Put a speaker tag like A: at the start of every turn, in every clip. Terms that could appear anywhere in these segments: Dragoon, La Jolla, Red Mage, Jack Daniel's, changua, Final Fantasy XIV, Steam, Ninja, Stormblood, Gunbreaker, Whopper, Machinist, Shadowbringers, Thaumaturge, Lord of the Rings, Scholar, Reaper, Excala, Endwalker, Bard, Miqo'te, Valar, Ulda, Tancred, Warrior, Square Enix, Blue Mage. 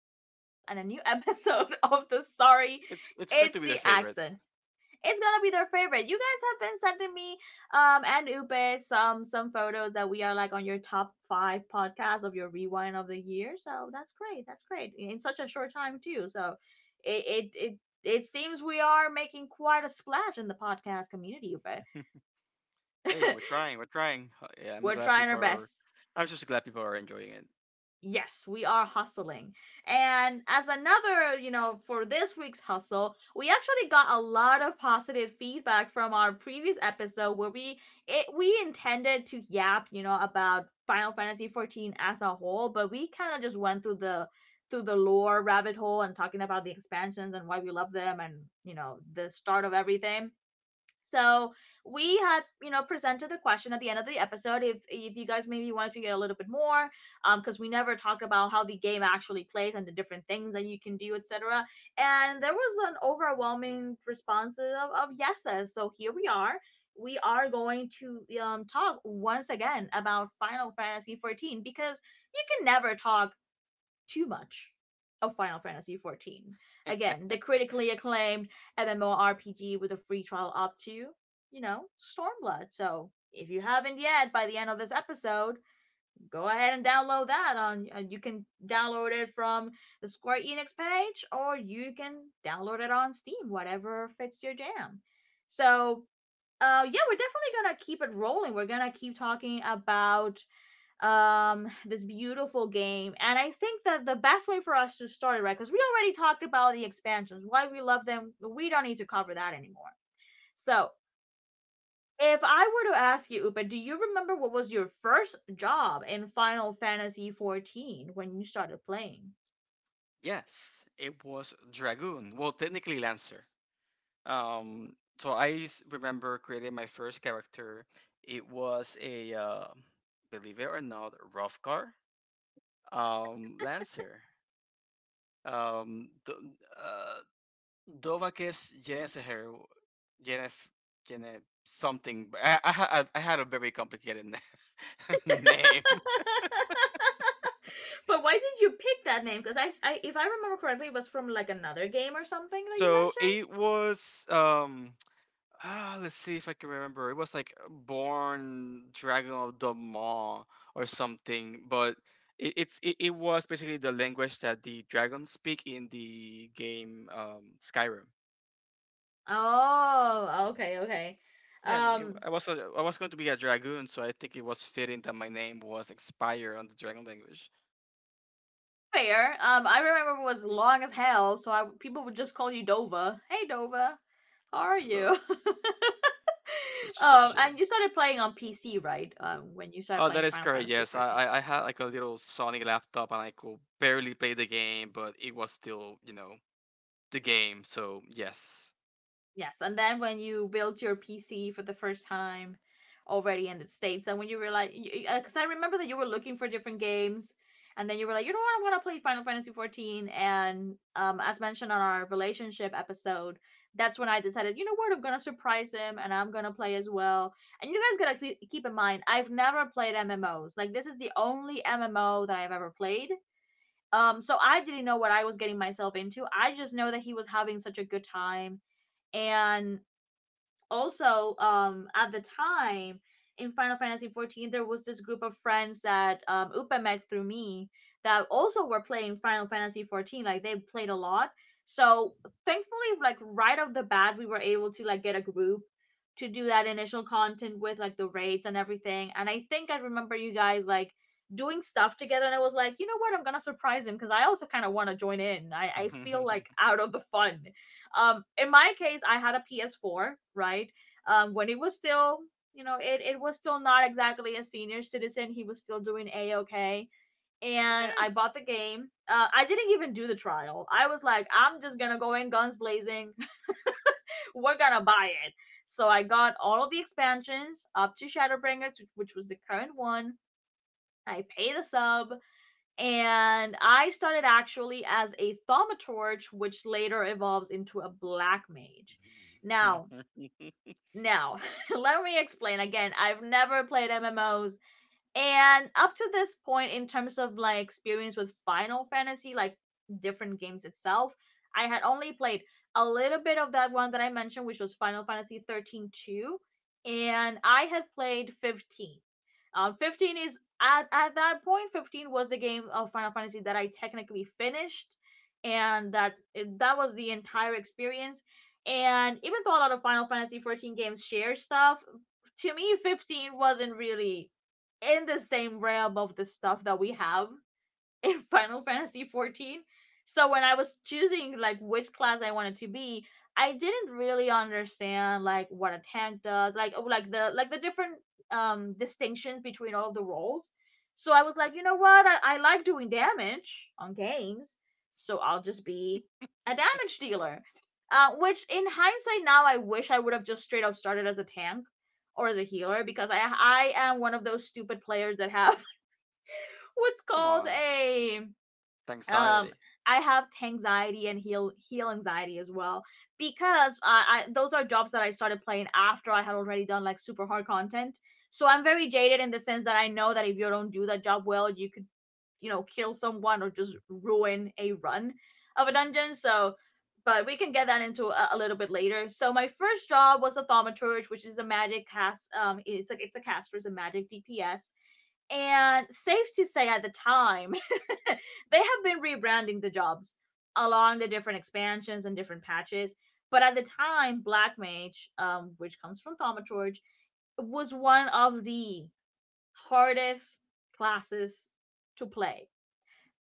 A: podcast and a new episode of the Sorry
B: It's going to
A: It's
B: be their
A: the
B: favorite.
A: Accent. It's gonna be their favorite. You guys have been sending me and Upe some photos that we are like on your top five podcasts of your rewind of the year. So that's great. That's great. In such a short time too. So it it it it seems we are making quite a splash in the podcast community, Upe.
B: Hey, we're trying, we're trying. Yeah, I'm
A: We're
B: glad
A: trying our
B: people are.
A: best.
B: I'm just glad people are enjoying it.
A: Yes, we are hustling. And as another, for this week's hustle, we actually got a lot of positive feedback from our previous episode where we intended to yap, about Final Fantasy 14 as a whole, but we kind of just went through the lore rabbit hole and talking about the expansions and why we love them, and, the start of everything. So we had, presented the question at the end of the episode. If you guys maybe wanted to get a little bit more, because we never talked about how the game actually plays and the different things that you can do, etc. And there was an overwhelming response of yeses. So here we are. We are going to talk once again about Final Fantasy 14, because you can never talk too much of Final Fantasy XIV. Again, the critically acclaimed MMORPG with a free trial up to, Stormblood. So if you haven't yet, by the end of this episode, go ahead and download that. On You can download it from the Square Enix page, or you can download it on Steam, whatever fits your jam. So, yeah, we're definitely gonna keep it rolling. We're gonna keep talking about this beautiful game. And I think that the best way for us to start it, right, because we already talked about the expansions, why we love them, we don't need to cover that anymore. So if I were to ask you, Upa, do you remember what was your first job in Final Fantasy 14 when you started playing?
B: Yes, it was Dragoon. Well, technically Lancer. Um, so I remember creating my first character. It was a, believe it or not, Rothgar Lancer. Um, do, uh, Dovakis Jennifer, Jennifer, Jennifer something. But I had a very complicated name.
A: But why did you pick that name? Because I if I remember correctly, it was from like another game or something that you
B: So
A: mentioned.
B: it was let's see if I can remember. It was like Born Dragon of the Maw or something, but it was basically the language that the dragons speak in the game Skyrim.
A: Oh, okay.
B: Yeah, I mean, it,
A: um
B: I was a, I was going to be a dragoon, so I think it was fitting that my name was Expire on the dragon language.
A: Fair. I remember it was long as hell, so people would just call you Dova. Hey, Dova, how
B: Yeah,
A: are
B: hello,
A: you?
B: just chilling.
A: And you started playing on PC, right? When you started
B: Oh, that
A: playing
B: is
A: Final
B: correct.
A: Fantasy
B: Yes,
A: 14.
B: I had like a little Sonic laptop and I could barely play the game, but it was still the game. So yes,
A: Yes, and then when you build your PC for the first time, already in the states, and when you realize, because I remember that you were looking for different games, and then you were like, you know what, I want to play Final Fantasy 14, and as mentioned on our relationship episode, that's when I decided, you know what, I'm gonna surprise him, and I'm gonna play as well. And you guys gotta keep in mind, I've never played MMOs. Like, this is the only MMO that I've ever played. So I didn't know what I was getting myself into. I just know that he was having such a good time, and also at the time in Final Fantasy 14 there was this group of friends that Upe met through me that also were playing Final Fantasy 14. Like, they played a lot, so thankfully, like, right off the bat we were able to like get a group to do that initial content with like the raids and everything. And I think I remember you guys like doing stuff together, and I was like, you know what, I'm gonna surprise him because I also kind of want to join in. I feel like out of the fun. In my case, I had a PS4, right? When he was still, you know, it was still not exactly a senior citizen. He was still doing a okay, and I bought the game. I didn't even do the trial. I was like, I'm just gonna go in guns blazing. We're gonna buy it. So I got all of the expansions up to Shadowbringers, which was the current one. I paid the sub. And I started actually as a thaumaturge, which later evolves into a black mage. Now,
B: Eh,
A: now, let me explain again. I've never played MMOs. And up to this point, in terms of like experience with Final Fantasy, like different games itself, I had only played a little bit of that one that I mentioned, which was Final Fantasy 13-2, and I had played 15. At that point, 15 was the game of Final Fantasy that I technically finished, and that was the entire experience. And even though a lot of Final Fantasy 14 games share stuff, to me, 15 wasn't really in the same realm of the stuff that we have in Final Fantasy 14. So when I was choosing like which class I wanted to be, I didn't really understand like what a tank does, like oh, like the different distinctions between all of the roles. So I was like, you know what, I like doing damage on games, so I'll just be a damage dealer. Which in hindsight now I wish I would have just straight up started as a tank or as a healer, because I am one of those stupid players that have what's
B: come
A: called
B: on,
A: a um
B: anxiety.
A: I have anxiety and heal anxiety as well, because I those are jobs that I started playing after I had already done like super hard content. So I'm very jaded in the sense that I know that if you don't do that job well, you could, you know, kill someone or just ruin a run of a dungeon. So, but we can get that into a little bit later. So my first job was a thaumaturge, which is a magic cast it's like, it's a caster, it's a magic dps. And safe to say at the time, they have been rebranding the jobs along the different expansions and different patches, but at the time black mage, which comes from thaumaturge, was one of the hardest classes to play.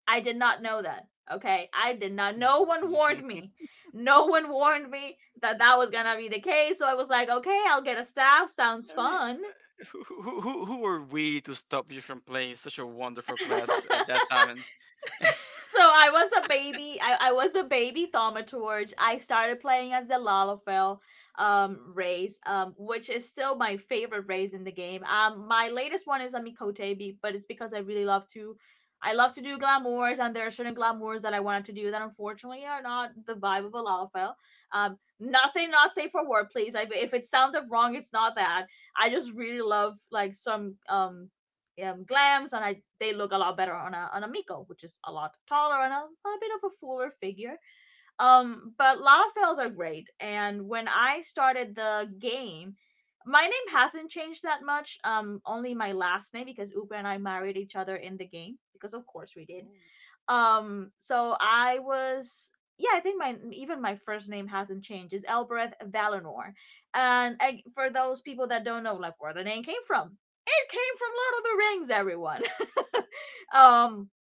A: I did not know that. Okay, I did not. No one warned me. No one warned me that that was gonna be the case. So I was like, okay, I'll get a staff. Sounds
B: I mean,
A: fun.
B: who are we to stop you from playing such a wonderful class at that time? And
A: So I was a baby. I was a baby thaumaturge. I started playing as the Lalafell race, which is still my favorite race in the game. My latest one is a Mikote, but it's because I really love to. I love to do glamours, and there are certain glamours that I wanted to do that unfortunately are not the vibe of a Lalafell. Nothing not safe for work, please. If it sounded wrong, it's not that. I just really love like some glams, and I they look a lot better on a Miko, which is a lot taller and a bit of a fuller figure. But Lalafels are great, and when I started the game, my name hasn't changed that much. Only my last name, because Uber and I married each other in the game, because of course we did. So I was, yeah, I think my even my first name hasn't changed. It's Elbereth Valinor. And for those people that don't know like where the name came from, it came from Lord of the Rings, everyone. um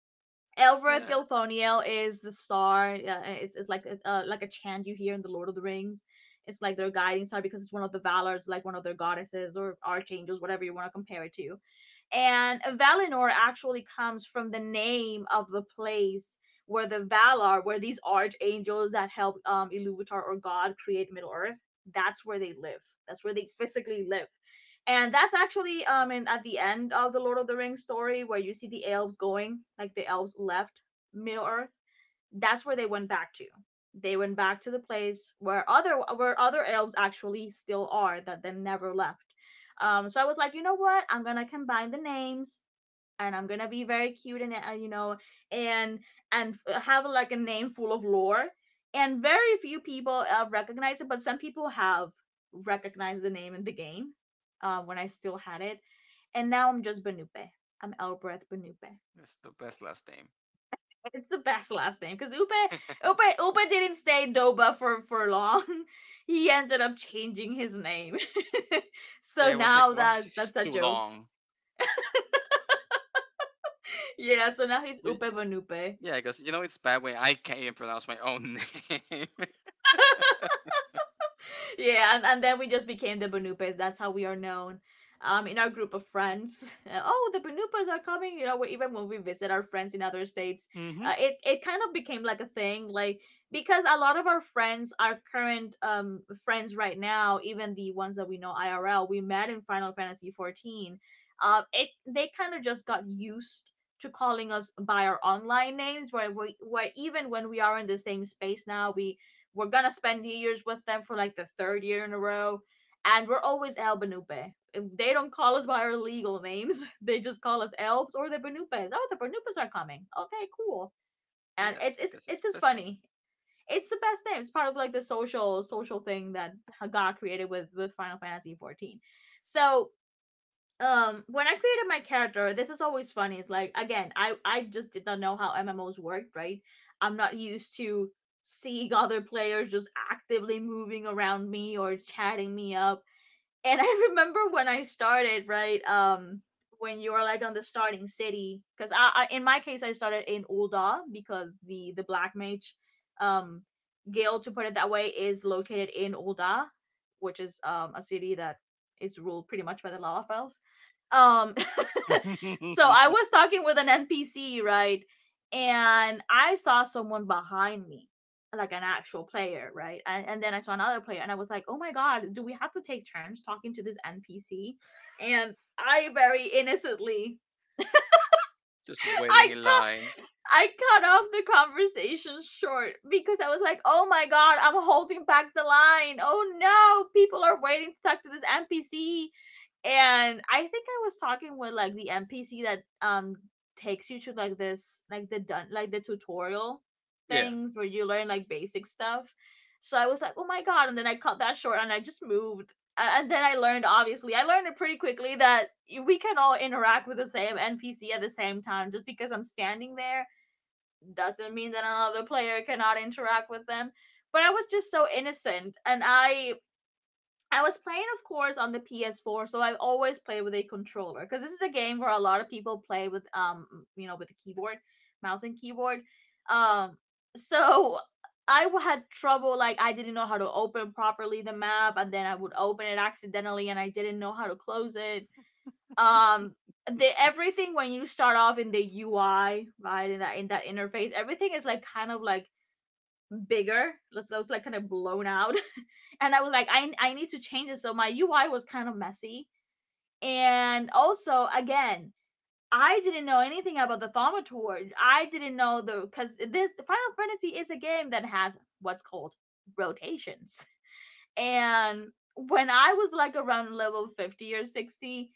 A: Elbereth
B: yeah,
A: Gilthoniel is the star. It's like like a chant you hear in the Lord of the Rings. It's like their guiding star, because it's one of the Valors, like one of their goddesses or archangels, whatever you want to compare it to. And Valinor actually comes from the name of the place where the Valar, where these archangels that help Iluvatar or God create Middle Earth, that's where they live. That's where they physically live, and that's actually at the end of the Lord of the Rings story, where you see the elves going, like the elves left Middle Earth. That's where they went back to. They went back to the place where other elves actually still are that they never left. So I was like, you know what, I'm gonna combine the names and I'm gonna be very cute and, you know, and and have like a name full of lore. And very few people recognize it, but some people have recognized the name in the game when I still had it. And now I'm just Benupe. I'm Elbreth Benupe.
B: it's the best last name.
A: It's the best last name because Upe Upe Upe didn't stay Doba for long. He ended up changing his name, so
B: yeah, it was like,
A: now
B: why is
A: that
B: this
A: that's a
B: too
A: joke.
B: long? Like,
A: Yeah, so now he's
B: y-
A: Upe
B: y-
A: Banupe.
B: yeah, because you know it's bad when I can't even pronounce my own name.
A: Yeah, and then we just became the Bunupes. That's how we are known in our group of friends. Oh, the Bunupas are coming. You know, even when we visit our friends in other states,
B: Hmm.
A: it kind of became like a thing. Like, because a lot of our friends, our current friends right now, even the ones that we know IRL, we met in Final Fantasy 14. It they kind of just got used to calling us by our online names where we where even when we are in the same space now we're gonna spend New Year's with them for like the 3rd year in a row, and we're always El Benupe. If they don't call us by our legal names, they just call us Elves or the Benupes. Oh, the Benupes are coming. Okay, cool. And
B: Yes,
A: it's it's
B: because
A: it's
B: it's
A: just
B: best name.
A: funny. It's the best name. It's part of like the social thing that God created with Final Fantasy 14. So when I created my character, this is always funny. It's like again, I just did not know how MMOs worked, right? I'm not used to seeing other players just actively moving around me or chatting me up. And I remember when I started, right? When you are like on the starting city, because I, in my case, I started in Ulda because the black mage um guild, to put it that way, is located in Ulda, which is a city that is ruled pretty much by the lava. um so I was talking with an NPC, right? And I saw someone behind me, like an actual player, right? And then I saw another player and I was like, oh my god, do we have to take turns talking to this NPC? And I very innocently
B: Just waiting
A: i
B: in line.
A: I cut off the conversation short because I was like, oh my god, I'm holding back the line. Oh no, people are waiting to talk to this NPC. And I think I was talking with like the NPC that takes you to like this like the done like the tutorial
B: Yeah.
A: things where you learn like basic stuff. So I was like, oh my god, and then I cut that short and I just moved. And then I learned, obviously, I learned it pretty quickly that we can all interact with the same NPC at the same time. Just because I'm standing there doesn't mean that another player cannot interact with them. But I was just so innocent. And I was playing of course on the PS4, so I always played with a controller because this is a game where a lot of people play with with a keyboard, mouse and keyboard. um so I had trouble. Like, I didn't know how to open properly the map, and then I would open it accidentally and I didn't know how to close it. Um the Everything when you start off in the UI, right, in that interface, everything is like kind of like bigger. Let's was like kind of blown out. And I was like, I need to change it. So my UI was kind of messy. And also again, I didn't know anything about the Thaumaturge. I didn't know the because this Final Fantasy is a game that has what's called rotations. And when I was like around level 50 or 60,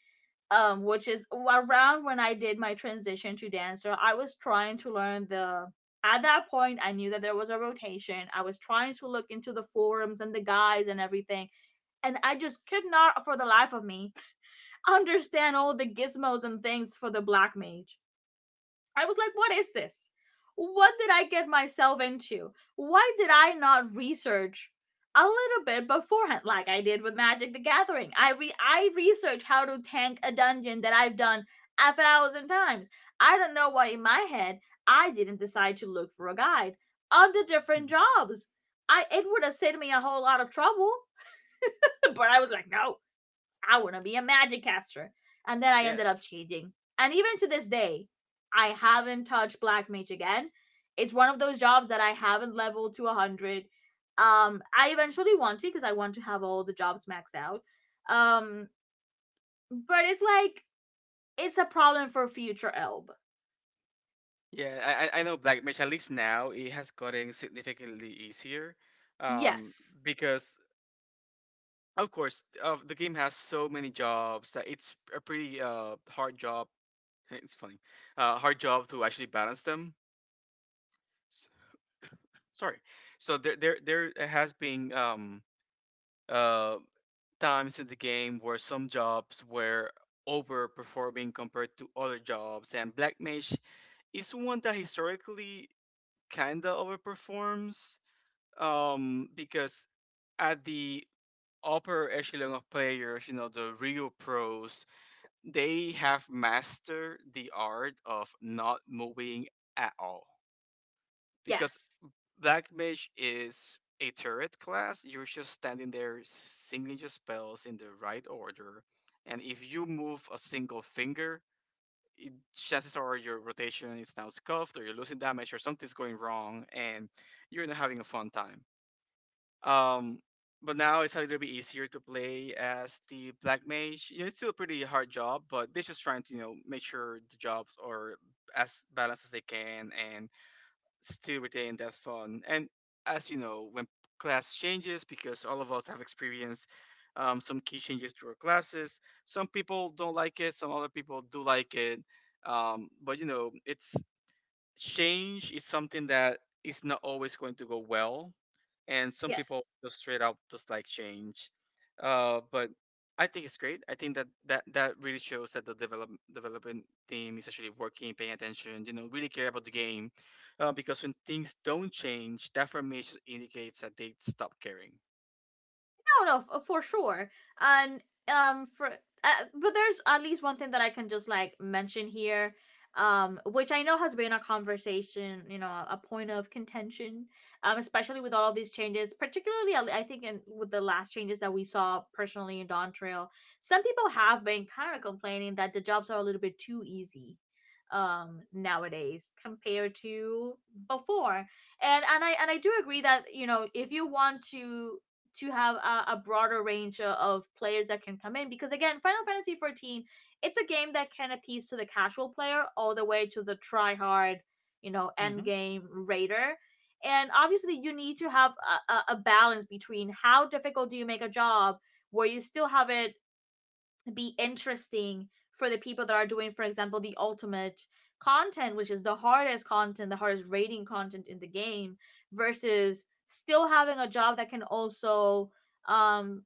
A: which is around when I did my transition to dancer, I was trying to learn the at that point I knew that there was a rotation. I was trying to look into the forums and the guys and everything, and I just could not for the life of me understand all the gizmos and things for the black mage. I was like, what is this? What did I get myself into? Why did I not research a little bit beforehand, like I did with Magic the Gathering? I researched how to tank a dungeon that I've done 1,000 times. I don't know why in my head I didn't decide to look for a guide on the different jobs. I It would have saved me a whole lot of trouble, but I was like, no, I want to be a magic caster. And then I ended up
B: Yes.
A: changing. And even to this day, I haven't touched Black Mage again. It's one of those jobs that I haven't leveled to 100. I eventually want to because I want to have all the jobs maxed out. Um, but it's like, it's a problem for future Elb.
B: Yeah, I know Black Mage, at least now, it has gotten significantly easier. Um,
A: Yes,
B: because of course, the game has so many jobs that it's a pretty hard job. It's funny, hard job to actually balance them. S- Sorry. So there has been uh times in the game where some jobs were overperforming compared to other jobs, and Black Mage is one that historically kinda overperforms because at the upper echelon of players, you know, the real pros they have mastered the art of not moving at all because
A: yes,
B: black mage is a turret class. You're just standing there singing your spells in the right order, and if you move a single finger chances are your rotation is now scuffed or you're losing damage or something's going wrong, and you're not having a fun time. Um, but now it's a little bit easier to play as the black mage. You know, it's still a pretty hard job, but they're just trying to make sure the jobs are as balanced as they can and still retain that fun. And as you know, when class changes, because all of us have experienced some key changes to our classes. Some people don't like it. Some other people do like it. But you know, it's change is something that is not always going to go well and some people
A: yes.
B: just straight up just like change. But I think it's great. I think that really shows that the development team is actually working paying attention, really care about the game. Because when things don't change, that for me just indicates that they stop caring.
A: No, no, for sure. And for but there's at least one thing that I can just like mention here, which I know has been a conversation, you know, a point of contention, especially with all of these changes, particularly I think in with the last changes that we saw personally in Dawn Trail. Some people have been kind of complaining that the jobs are a little bit too easy nowadays compared to before. And I do agree that you know if you want to have a broader range of players that can come in, because again, Final Fantasy 14, it's a game that can appease to the casual player all the way to the try hard, you know, end game raider. And obviously you need to have a balance between how difficult do you make a job where you still have it be interesting for the people that are doing, for example, the ultimate content, which is the hardest content, the hardest rating content in the game, versus still having a job that can also um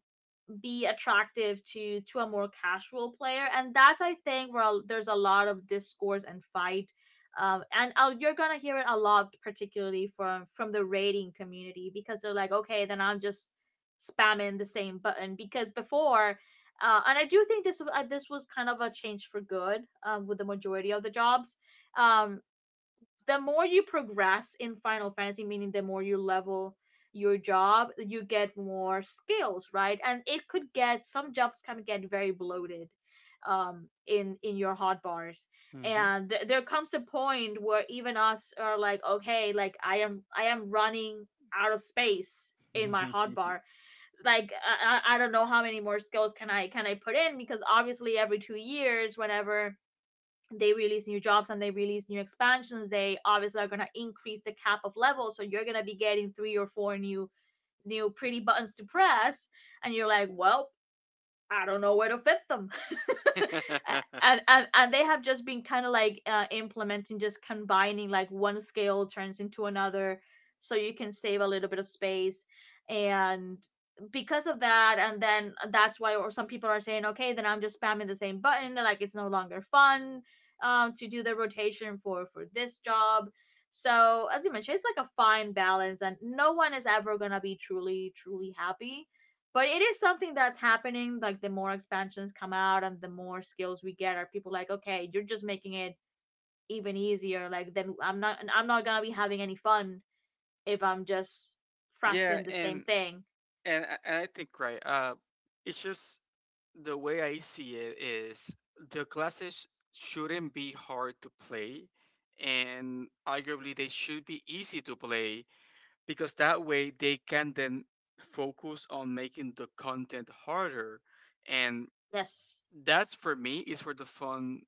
A: be attractive to a more casual player. And that's I think where there's a lot of discourse and fight. And I You're gonna hear it a lot, particularly from the raiding community, because they're like, okay, then I'm just spamming the same button. Because before, and I do think this was kind of a change for good, with the majority of the jobs. Um, the more you progress in Final Fantasy, meaning the more you level your job, you get more skills, right? And it could get some jobs can get very bloated in your hot bars.
B: Mm-hmm.
A: And there comes a point where even us are like, okay, like, I am running out of space in my hot
B: Mm-hmm.
A: bar. Like, I don't know how many more skills can I put in, because obviously every 2 years whenever they release new jobs and they release new expansions, they obviously are going to increase the cap of levels. So you're going to be getting three or four new pretty buttons to press and you're like, well, I don't know where to fit them. and, and and they have just been kind of like implementing just combining, like one scale turns into another so you can save a little bit of space. And because of that, and then that's why or some people are saying, okay, then I'm just spamming the same button. Like, it's no longer fun to do the rotation for this job. So as you mentioned, it's like a fine balance and no one is ever going to be truly happy. But it is something that's happening, like the more expansions come out and the more skills we get, are people like, okay, you're just making it even easier, like then I'm not gonna be having any fun if I'm just
B: yeah.
A: pressing the same
B: and
A: thing.
B: and i, and I think, right, it's just the way I see it is, the classes shouldn't be hard to play, and arguably they should be easy to play because that way they can then focus on making the content harder. And
A: Yes,
B: that's for me is where the fun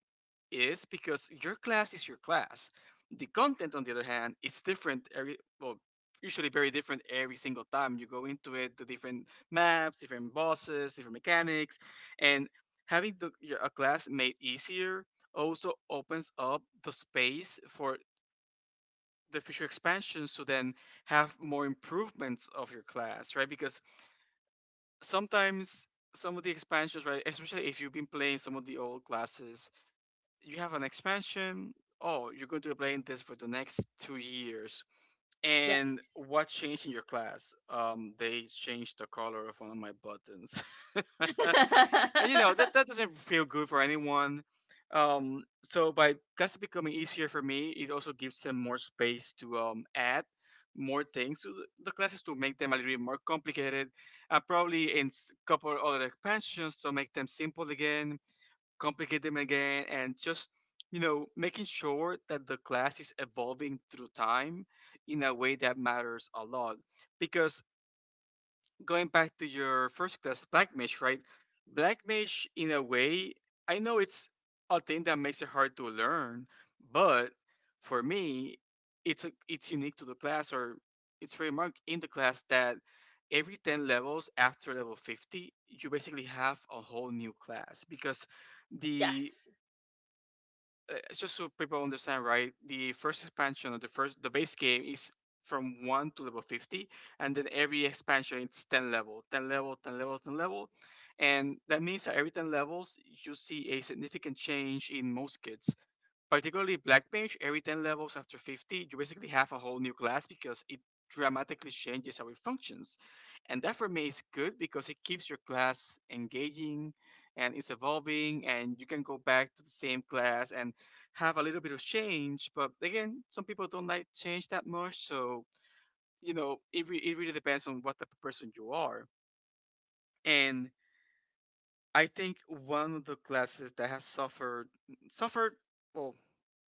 B: is because your class is your class. The content, on the other hand, it's different usually very different every single time you go into it. The different maps, different bosses, different mechanics, and having a class made easier also opens up the space for the future expansions to then have more improvements of your class, right? Because sometimes some of the expansions, right, especially if you've been playing some of the old classes you have an expansion. Oh, you're going to be playing this for the next 2 years. And
A: yes.
B: what changed in your class? They changed the color of one of my buttons, and you know that that doesn't feel good for anyone. So by classes becoming easier for me, it also gives them more space to add more things to the classes to make them a little bit more complicated. Probably in couple other expansions to make them simple again, complicate them again, and just making sure that the class is evolving through time in a way that matters a lot, because going back to your first class, black mage, right? Black mage in a way, I know it's a thing that makes it hard to learn, but for me, it's unique to the class, or it's remarked in the class that every 10 levels after level 50 you basically have a whole new class because the
A: Yes,
B: just so people understand, right? The first expansion of the first, the base game is from one to level 50, and then every expansion it's ten level, ten level, ten level, ten level, and that means that every 10 levels you see a significant change in most kids particularly Black Mage, every 10 levels after 50, you basically have a whole new class because it dramatically changes how it functions. And that for me is good because it keeps your class engaging and it's evolving, and you can go back to the same class and have a little bit of change. But again, some people don't like change that much, so it really depends on what type of person you are. And I think one of the classes that has suffered, suffered, well,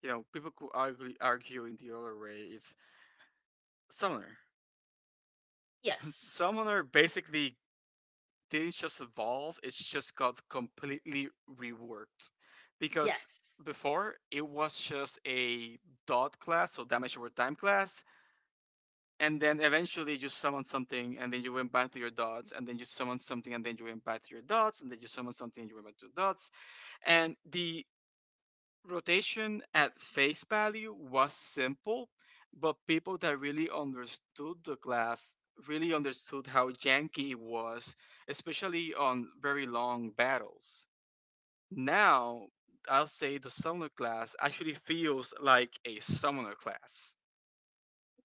B: people could argue in the other way. It's Summoner.
A: yes,
B: Summoner basically didn't just evolve, it's just got completely reworked. Because
A: yes.
B: before, it was just a dot class, so damage over time class, and then eventually you summoned something, and then you went back to your dots, and then you summoned something, and then you went back to your dots, and then you summoned something, and you went back to your dots. And the rotation at face value was simple, but people that really understood the class really understood how janky it was, especially on very long battles. Now, I'll say the summoner class actually feels like a summoner class.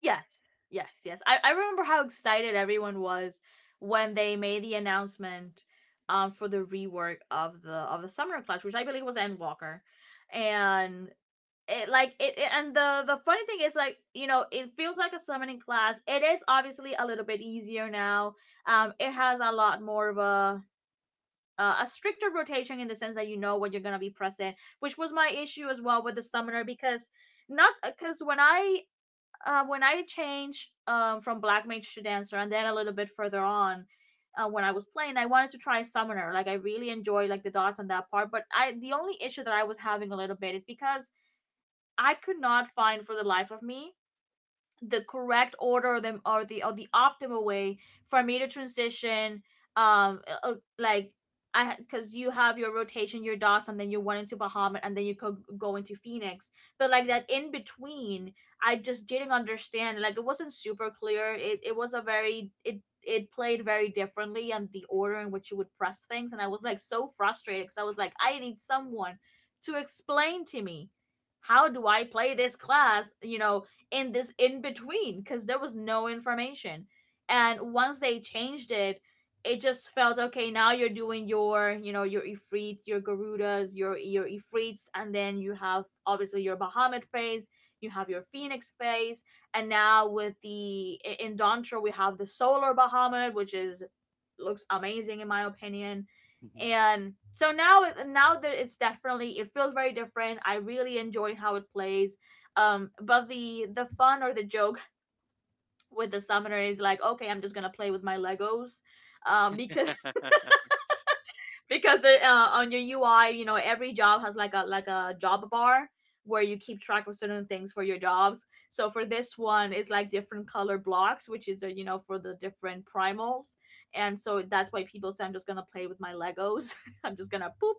A: Yes, yes, yes. I remember how excited everyone was when they made the announcement for the rework of the Summoner Clash, which I believe was Endwalker. And it like it and the funny thing is, like, you know, it feels like a summoning class. It is obviously a little bit easier now. It has a lot more of a stricter rotation in the sense that you know what you're gonna be pressing, which was my issue as well with the summoner. Because not because when I changed from black mage to dancer, and then a little bit further on, when I was playing, I wanted to try summoner. Like I really enjoyed like the dots on that part, but I the only issue that I was having a little bit is because I could not find for the life of me the correct order or the optimal way for me to transition um uh, uh, like I because you have your rotation, your dots, and then you went into Bahamut, and then you could go into Phoenix, but like that in between I just didn't understand. Like it wasn't super clear. It was a very it played very differently, and the order in which you would press things. And I was like so frustrated because I was like, I need someone to explain to me, how do I play this class, you know, in this in between, because there was no information. And once they changed it, it just felt okay. Now you're doing your, you know, your Ifrit, your Garudas, your Ifrits, and then you have obviously your Bahamut phase, you have your Phoenix phase, and now with the in Dantra we have the Solar Bahamut, which is looks amazing in my opinion. And so now that it's definitely, it feels very different, I really enjoy how it plays. But the fun or the joke with the summoner is like, okay, I'm just gonna play with my Legos. Because it, on your UI, you know, every job has like a job bar where you keep track of certain things for your jobs. So for this one, it's like different color blocks, which is, you know, for the different primals. And so that's why people say, I'm just gonna play with my Legos. I'm just gonna poop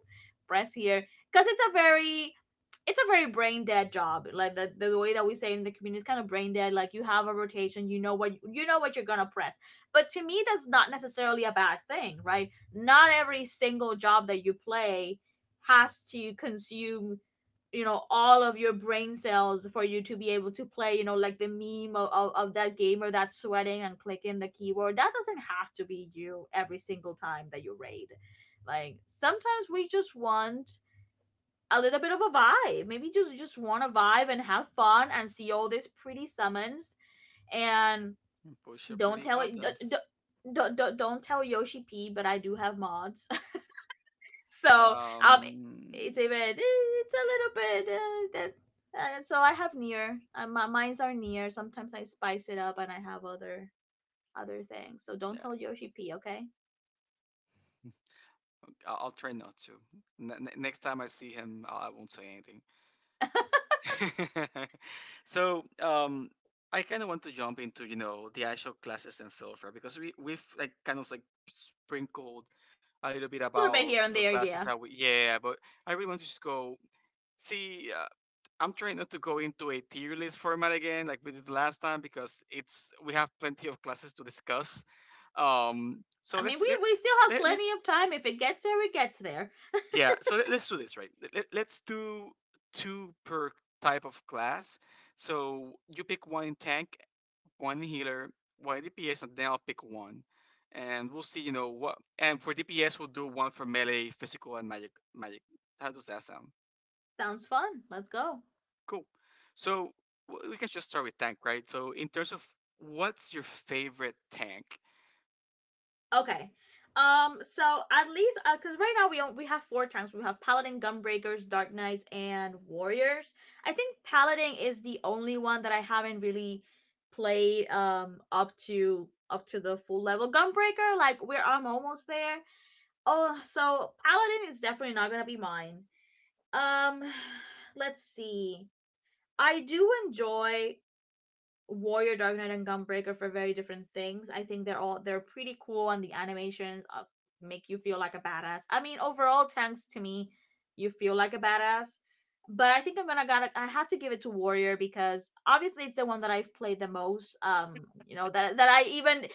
A: press here because it's a very brain dead job. Like the way that we say in the community is kind of brain dead like you have a rotation, you know what, you know what you're gonna press. But to me, that's not necessarily a bad thing, right? Not every single job that you play has to consume, you know, all of your brain cells for you to be able to play, you know, like the meme of, of that gamer that's sweating and clicking the keyboard. That doesn't have to be you every single time that you raid. Like sometimes we just want a little bit of a vibe. Maybe just want to vibe and have fun and see all these pretty summons. And
B: Push your
A: don't
B: pretty
A: tell it. D-
B: buttons.
A: d- d- d- don't tell Yoshi P, but I do have mods, so um, it's
B: Um,
A: a bit, it's a little bit, that. And so I have near. My mines are near. Sometimes I spice it up and I have other things. So don't
B: yeah,
A: tell Yoshi P, okay? A
B: I'll try not to. Next time I see him, I won't say anything. So I kind of want to jump into the actual classes and so forth because we've like kind of like sprinkled a little bit
A: little bit
B: about
A: here and
B: the
A: there,
B: classes
A: yeah.
B: that we, yeah, but I really want to just go see, I'm trying not to go into a tier list format again like we did last time because it's we have plenty of classes to discuss. So
A: I mean, we still have plenty
B: us.
A: of time. If it gets there, it gets there.
B: Yeah, so let's do this, right? Let's do two per type of class. So you pick one in tank, one in healer, one in DPS, and then I'll pick one. And we'll see what. And for DPS, we'll do one for melee, physical, and magic. Magic. How does that sound?
A: Sounds fun. Let's go.
B: Cool. So we can just start with tank, right? So in terms of what's your favorite tank?
A: Okay. So at least, cause right now we don't, we have 4 tanks. We have Paladin, Gunbreakers, Dark Knights, and Warriors. I think Paladin is the only one that I haven't really played up to the full level. Gunbreaker, like we're I'm almost there. Oh, so Paladin is definitely not gonna be mine. Um, let's see. I do enjoy Warrior, Dark Knight, and Gunbreaker for very different things. I think they're pretty cool, and the animations, make you feel like a badass. I mean, overall, tanks to me, you feel like a badass. But I think I'm gonna gotta I have to give it to Warrior because obviously it's the one that I've played the most. You know that I even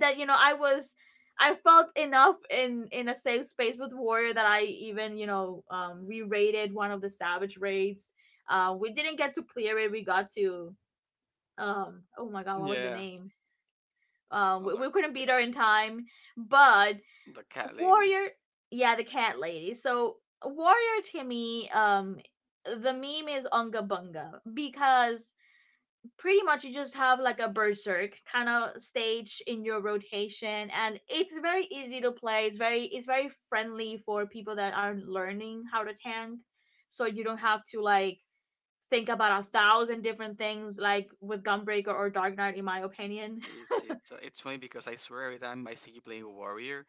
A: that you know I was I felt enough in a safe space with Warrior that I even, you know, re-rated one of the Savage raids. We didn't get to clear it. We got to oh my god, what was the
B: Yeah.
A: name? Um,
B: Oh,
A: we couldn't
B: the,
A: beat her in time, but
B: the cat lady.
A: warrior yeah, the cat lady. So warrior to me, the meme is unga bunga because pretty much you just have like a berserk kind of stage in your rotation, and it's very easy to play. It's very, it's very friendly for people that are learning how to tank, so you don't have to like think about a thousand different things like with Gunbreaker or Dark Knight, in my opinion.
B: See, it's funny because I swear every time I see you playing a warrior,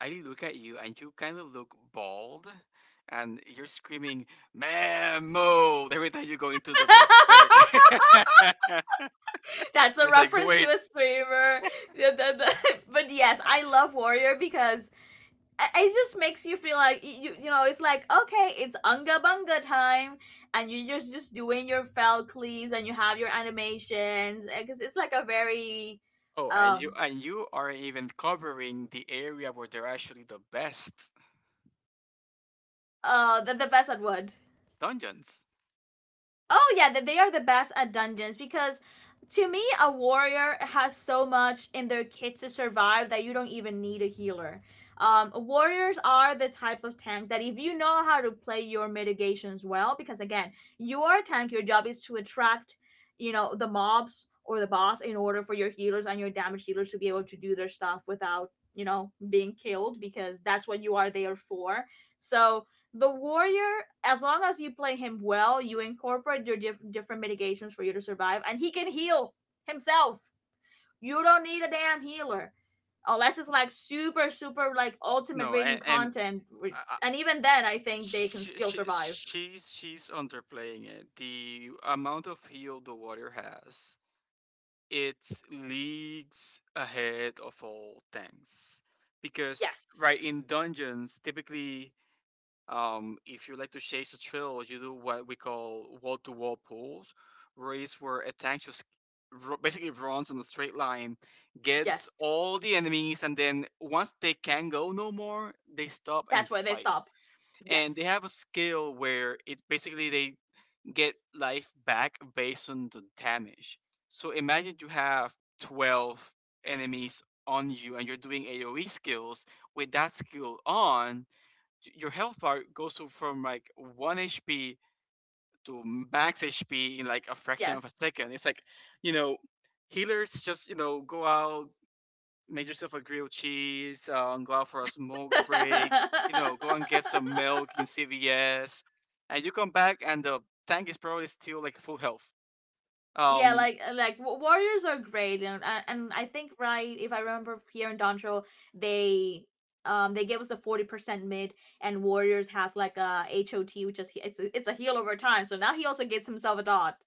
B: I look at you and you kind of look bald and you're screaming mammo every time you go into the berserk.
A: That's a
B: it's like,
A: reference to
B: wait.
A: a streamer. The- the- the- but yes, I love Warrior because it just makes you feel like you, you know, it's like, okay, it's unga bunga time, and you're just doing your fell cleaves and you have your animations because it's like a very
B: Oh, and you
A: um
B: and you are even covering the area where they're actually the best
A: the best at wood
B: dungeons.
A: oh yeah, that they are the best at dungeons because to me a warrior has so much in their kit to survive that you don't even need a healer. Warriors are the type of tank that if you know how to play your mitigations well, because again, you are a tank, your job is to attract, you know, the mobs or the boss in order for your healers and your damage dealers to be able to do their stuff without, you know, being killed because that's what you are there for. So the warrior, as long as you play him well, you incorporate your different mitigations for you to survive, and he can heal himself. You don't need a damn healer unless it's like super super like ultimate
B: No,
A: rating
B: and
A: content,
B: uh,
A: and even then I think they can
B: she,
A: still
B: she,
A: survive.
B: she's she's underplaying it. The amount of heal the water has, it's leagues ahead of all things because
A: Yes.
B: right in dungeons typically if you like to chase a trail you do what we call wall-to-wall pulls race where a tank just basically runs on a straight line, gets
A: Yes,
B: all the enemies, and then once they can go no more they stop and
A: that's where they
B: fight,
A: stop.
B: and they
A: Yes.
B: have a skill where it basically they get life back based on the damage. So imagine you have 12 enemies on you and you're doing AoE skills. With that skill on, your health bar from like 1 HP to max HP in like a fraction of a
A: Yes.
B: second. It's like, you know, healers just go out, make yourself a grilled cheese, go out for a smoke break, go and get some milk in CVS, and you come back and the tank is probably still like full health.
A: Yeah,
B: Um,
A: like, like warriors are great, and and I think, right, if I remember here in Dontrell, they they gave us a 40% mid, and warriors has like a HoT, which is it's a heal over time. So now he also gets himself a dot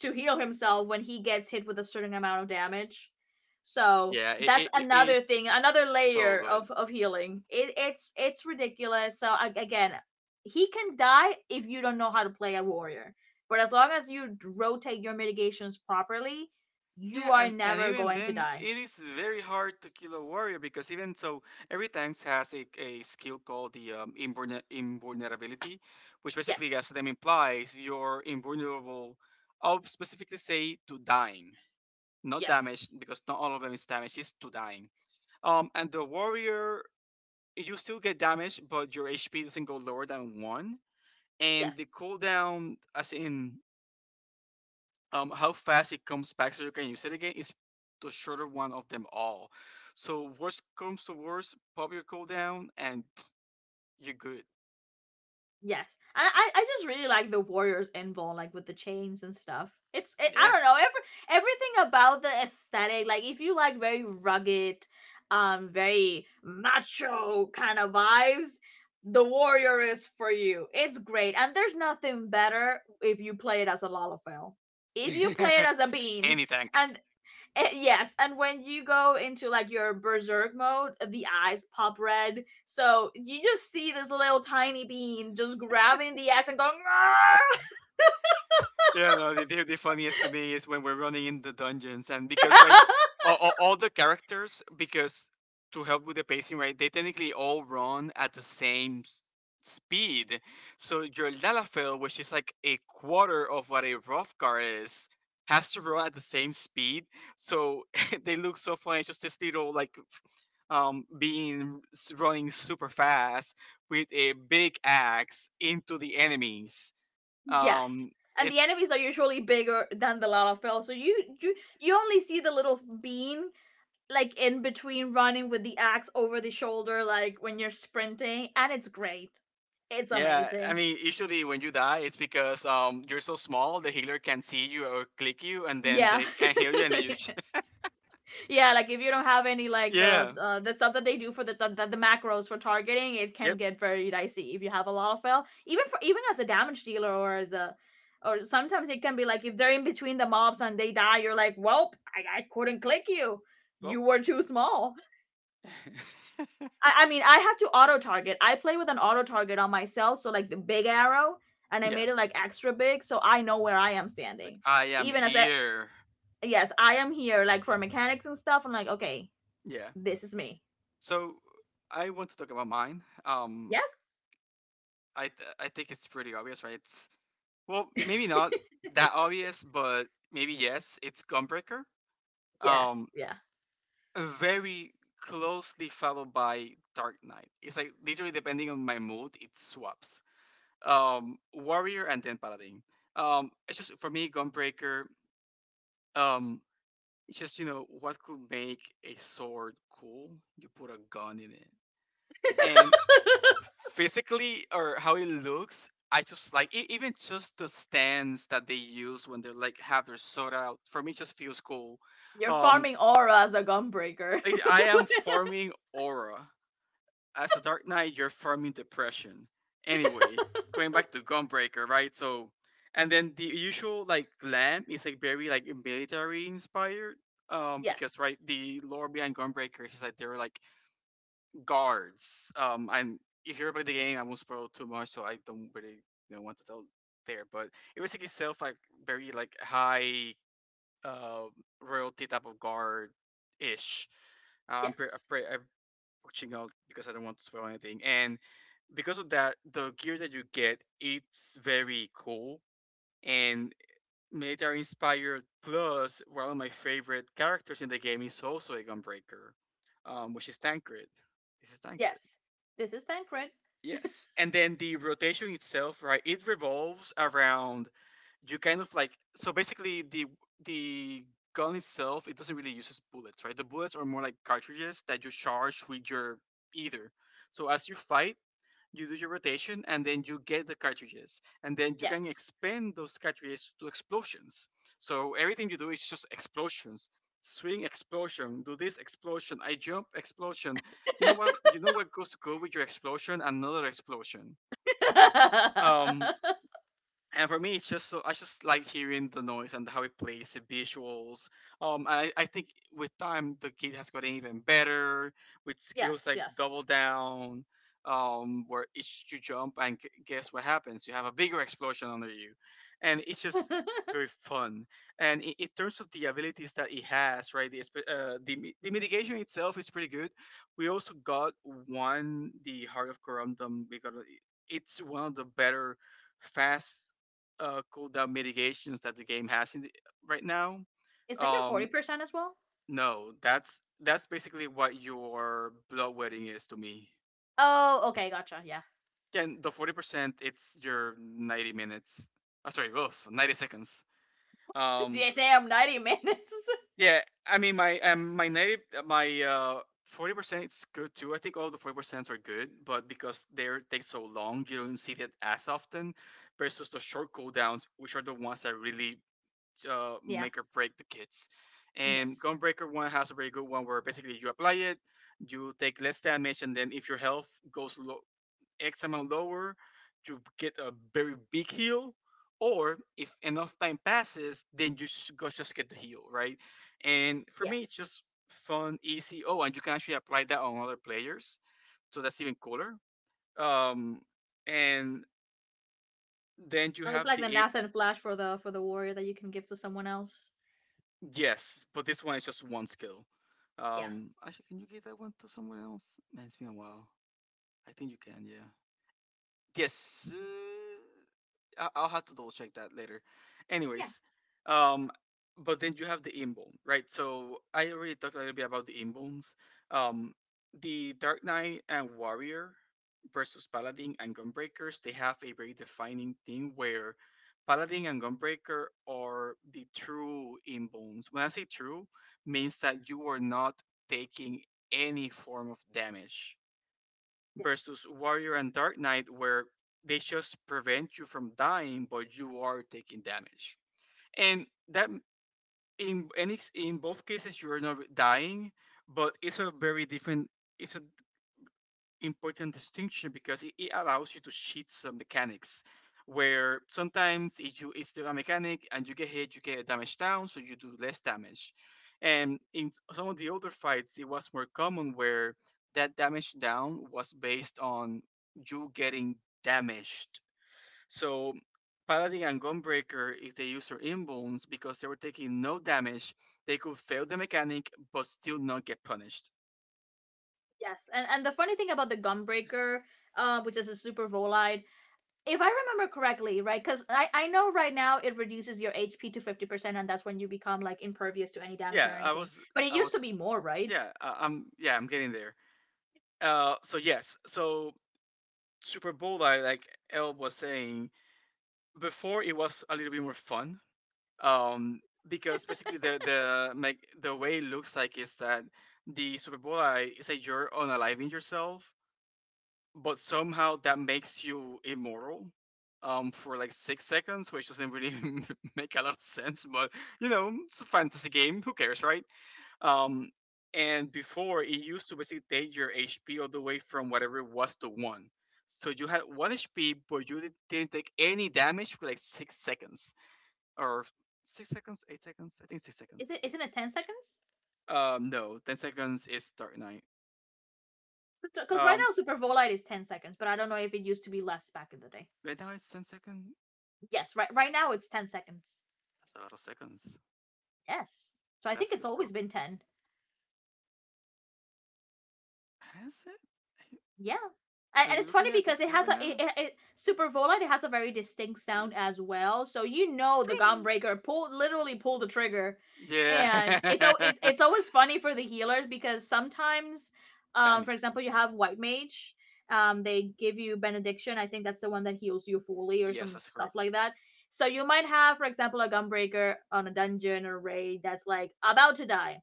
A: to heal himself when he gets hit with a certain amount of damage. So
B: yeah,
A: that's another thing,
B: it's
A: another
B: so
A: layer
B: good.
A: of healing. It's it's ridiculous. So I, again, he can die if you don't know how to play a warrior. But as long as you rotate your mitigations properly, you
B: Yeah,
A: are
B: and
A: never
B: even
A: going to
B: then,
A: die.
B: it is very hard to kill a warrior because even so, every tank has a skill called the invulnerability, which basically, as
A: Yes.
B: the name implies, you're invulnerable, I'll specifically say, to dying. Not damage
A: Yes.
B: because not all of them is damage. It's two dying. And the warrior, you still get damage, but your HP doesn't go lower than 1. And
A: Yes.
B: the cooldown, as in how fast it comes back, so you can use it again, is the shorter one of them all. So worst comes to worst, pop your cooldown and you're good.
A: Yes, and I just really like the warriors involved, like with the chains and stuff. It's it, I
B: Yeah,
A: don't know, every everything about the aesthetic. Like if you like very rugged, very macho kind of vibes, the warrior is for you. It's great, and there's nothing better if you play it as a lalafell. If you play it as a bean,
B: any tank.
A: and eh, yes, and when you go into like your berserk mode, the eyes pop red. So you just see this little tiny bean just grabbing the axe and going.
B: Yeah, no, the funniest to me is when we're running in the dungeons, and because right,
A: "Argh!"
B: all the characters, because to help with the pacing, right, they technically all run at the same speed. So your Lalafell, which is like a quarter of what a rough is, has to run at the same speed. So they look so funny. It's just this little like being running super fast with a big axe into the enemies
A: Yes,
B: um
A: and the
B: it's
A: enemies are usually bigger than the Lalafell. So you you only see the little bean like in between, running with the axe over the shoulder, like when you're sprinting, and it's great. It's
B: Yeah, I
A: amazing.
B: mean, usually when you die, it's because you're so small the healer can see you or click you, and then
A: Yeah.
B: they can heal you, and then you.
A: Yeah, like if you don't have any like the,
B: Yeah.
A: the stuff that they do for the, the macros for targeting, it can
B: Yep.
A: get very dicey if you have a lot of fail. Even for even as a damage dealer or as a or sometimes it can be like if they're in between the mobs and they die, you're like, well, I couldn't click you. You
B: Well.
A: were too small. I mean, I have to auto target. I play with an auto target on myself, so like the big arrow, and I
B: Yeah.
A: made it like extra big, so I know where I am
B: It's like
A: standing.
B: I am
A: Even as a
B: here.
A: yes, I am here, like for mechanics and stuff. I'm like, okay,
B: Yeah.
A: this is me.
B: So I want to talk about mine.
A: Yeah.
B: I think it's pretty obvious, right? It's well, maybe not that obvious, but maybe yes. It's Gunbreaker.
A: Yes.
B: Um,
A: Yeah.
B: very closely followed by Dark Knight. It's like literally depending on my mood, it swaps. Warrior and then Paladin. It's just for me, Gunbreaker. Um, it's just you know what could make a sword cool? You put a gun in it, and physically or how it looks. I just like even just the stands that they use when they like have their sword out. For me, it just feels cool.
A: You're
B: Um,
A: farming aura as a gunbreaker.
B: I am farming aura. As a Dark Knight, you're farming depression. Anyway, going back to Gunbreaker, right? So, and then the usual like glam is like very like military inspired. Because
A: Yes.
B: right, the lore behind Gunbreaker is like they're like guards. And if you ever playing the game, I won't spoil too much, so I don't really want to tell there. But it was like itself like very like high uh royalty type of guard ish. Um, I'm pre-
A: Yes.
B: pre- I'm watching out because I don't want to spoil anything. And because of that, the gear that you get it's very cool and military inspired. Plus, one of my favorite characters in the game is also a gunbreaker, which is Tancred. This is Tancred.
A: Yes. This is Tancred.
B: Yes, and then the rotation itself, right? It revolves around you kind of like so basically the gun itself it doesn't really use bullets, right? The bullets are more like cartridges that you charge with your either. So as you fight, you do your rotation and then you get the cartridges and then you can
A: Yes.
B: expand those cartridges to explosions. So everything you do is just explosions, swing explosion, do this explosion, I jump explosion. You know what? You know what goes good with your explosion? Another explosion. um and for me it's just so I just like hearing the noise and how it plays the visuals. I think with time the kid has gotten even better with skills
A: Yes.
B: like
A: Yes.
B: double down, where each you jump and guess what happens, you have a bigger explosion under you, and it's just very fun. And in terms of the abilities that it has right, the, espe- the mi- the mitigation itself is pretty good. We also got one, the heart of corundum. We got it's one of the better fast cooldown mitigations that the game has right now.
A: Is that your forty
B: Um,
A: percent as well?
B: no, that's basically what your bloodletting is to me.
A: Oh, okay, gotcha. Yeah.
B: Again, the 40%, it's your 90 minutes. Oh, sorry, oof, 90 seconds. Um,
A: Damn, 90 minutes.
B: yeah, I mean my 90 my 40% is good too. I think all the 40 percents are good, but because they are take so long, you don't see that as often. Versus the short cooldowns, which are the ones that really
A: Yeah.
B: make or break the kits. And
A: Yes.
B: Gunbreaker one has a very good one where basically you apply it, you take less damage, and then if your health goes low, X amount lower, you get a very big heal. Or if enough time passes, then you go just get the heal, right? And for
A: Yeah.
B: me, it's just fun, easy. Oh, and you can actually apply that on other players, so that's even cooler. Um, and then you
A: Oh, it's
B: have
A: like the
B: the...
A: NASA Flash for the warrior that you can give to someone else.
B: Yes, but this one is just one skill.
A: Yeah.
B: Actually, can you give that one to someone else? Man, it's been a while. I think you can. Yeah. Yes. I'll have to double check that later.
A: Yeah.
B: Anyways, um, but then you have the Imbone, right? So I already talked a little bit about the Imbones. Um, the Dark Knight and Warrior versus Paladin and Gunbreakers, they have a very defining thing where Paladin and Gunbreaker are the true Imbones. When I say true, means that you are not taking any form of damage
A: Yes.
B: versus Warrior and Dark Knight, where they just prevent you from dying, but you are taking damage. And that in any in both cases you are not dying, but it's a very different. It's a important distinction because it allows you to cheat some mechanics where sometimes if you it's the mechanic and you get hit you get a damage down so you do less damage. And in some of the older fights it was more common where that damage down was based on you getting damaged. So paladin and gunbreaker, if they use their inbones, because they were taking no damage, they could fail the mechanic but still not get punished.
A: Yes. And the funny thing about the Gunbreaker, which is a super volide, if I remember correctly, right? Because I know right now it reduces your HP to 50%, and that's when you become like impervious to any damage or
B: yeah i
A: anything.
B: was
A: But it
B: i
A: used to
B: was
A: be more, right?
B: Yeah, I'm getting there. So yes, so Super Bowl, like El was saying before, it was a little bit more fun. Um, because basically the like the way it looks like is that the Super Bowl is that you're unaliving yourself, but somehow that makes you immortal. For like 6 seconds, which doesn't really make a lot of sense, but you know, it's a fantasy game. Who cares, right? Um, and before it used to basically take your HP all the way from whatever it was to 1. So you had 1 HP, but you didn't take any damage for like 6 seconds, or 6 seconds, 8 seconds. I think six
A: Is
B: seconds.
A: it isn't it 10 seconds?
B: No, 10 seconds is Dark Knight.
A: Because right
B: Um,
A: now Super Volite is 10 seconds, but I don't know if it used to be less back in the day.
B: right now it's 10 seconds.
A: Yes, right right now it's 10 seconds.
B: That's a lot of seconds.
A: Yes. So I
B: That
A: think
B: feels
A: it's
B: broke.
A: always been 10.
B: Has it?
A: Yeah.
B: Are
A: And,
B: you
A: and it's
B: looking
A: funny
B: at this
A: because it
B: skill right
A: has a
B: now?
A: it, it, it Super Volant. It has a very distinct
B: Y-
A: sound as well. So you know the Gunbreaker pulled literally pulled the trigger.
B: Ping.
A: And it's al-
B: Yeah.
A: it's always funny for the healers because sometimes, for
B: Panic.
A: example, you have White Mage, they give you benediction. I think that's the one that heals you fully or
B: Yes,
A: some
B: that's correct.
A: stuff like that. So you might have, for example, a gunbreaker on a dungeon or raid that's like about to die,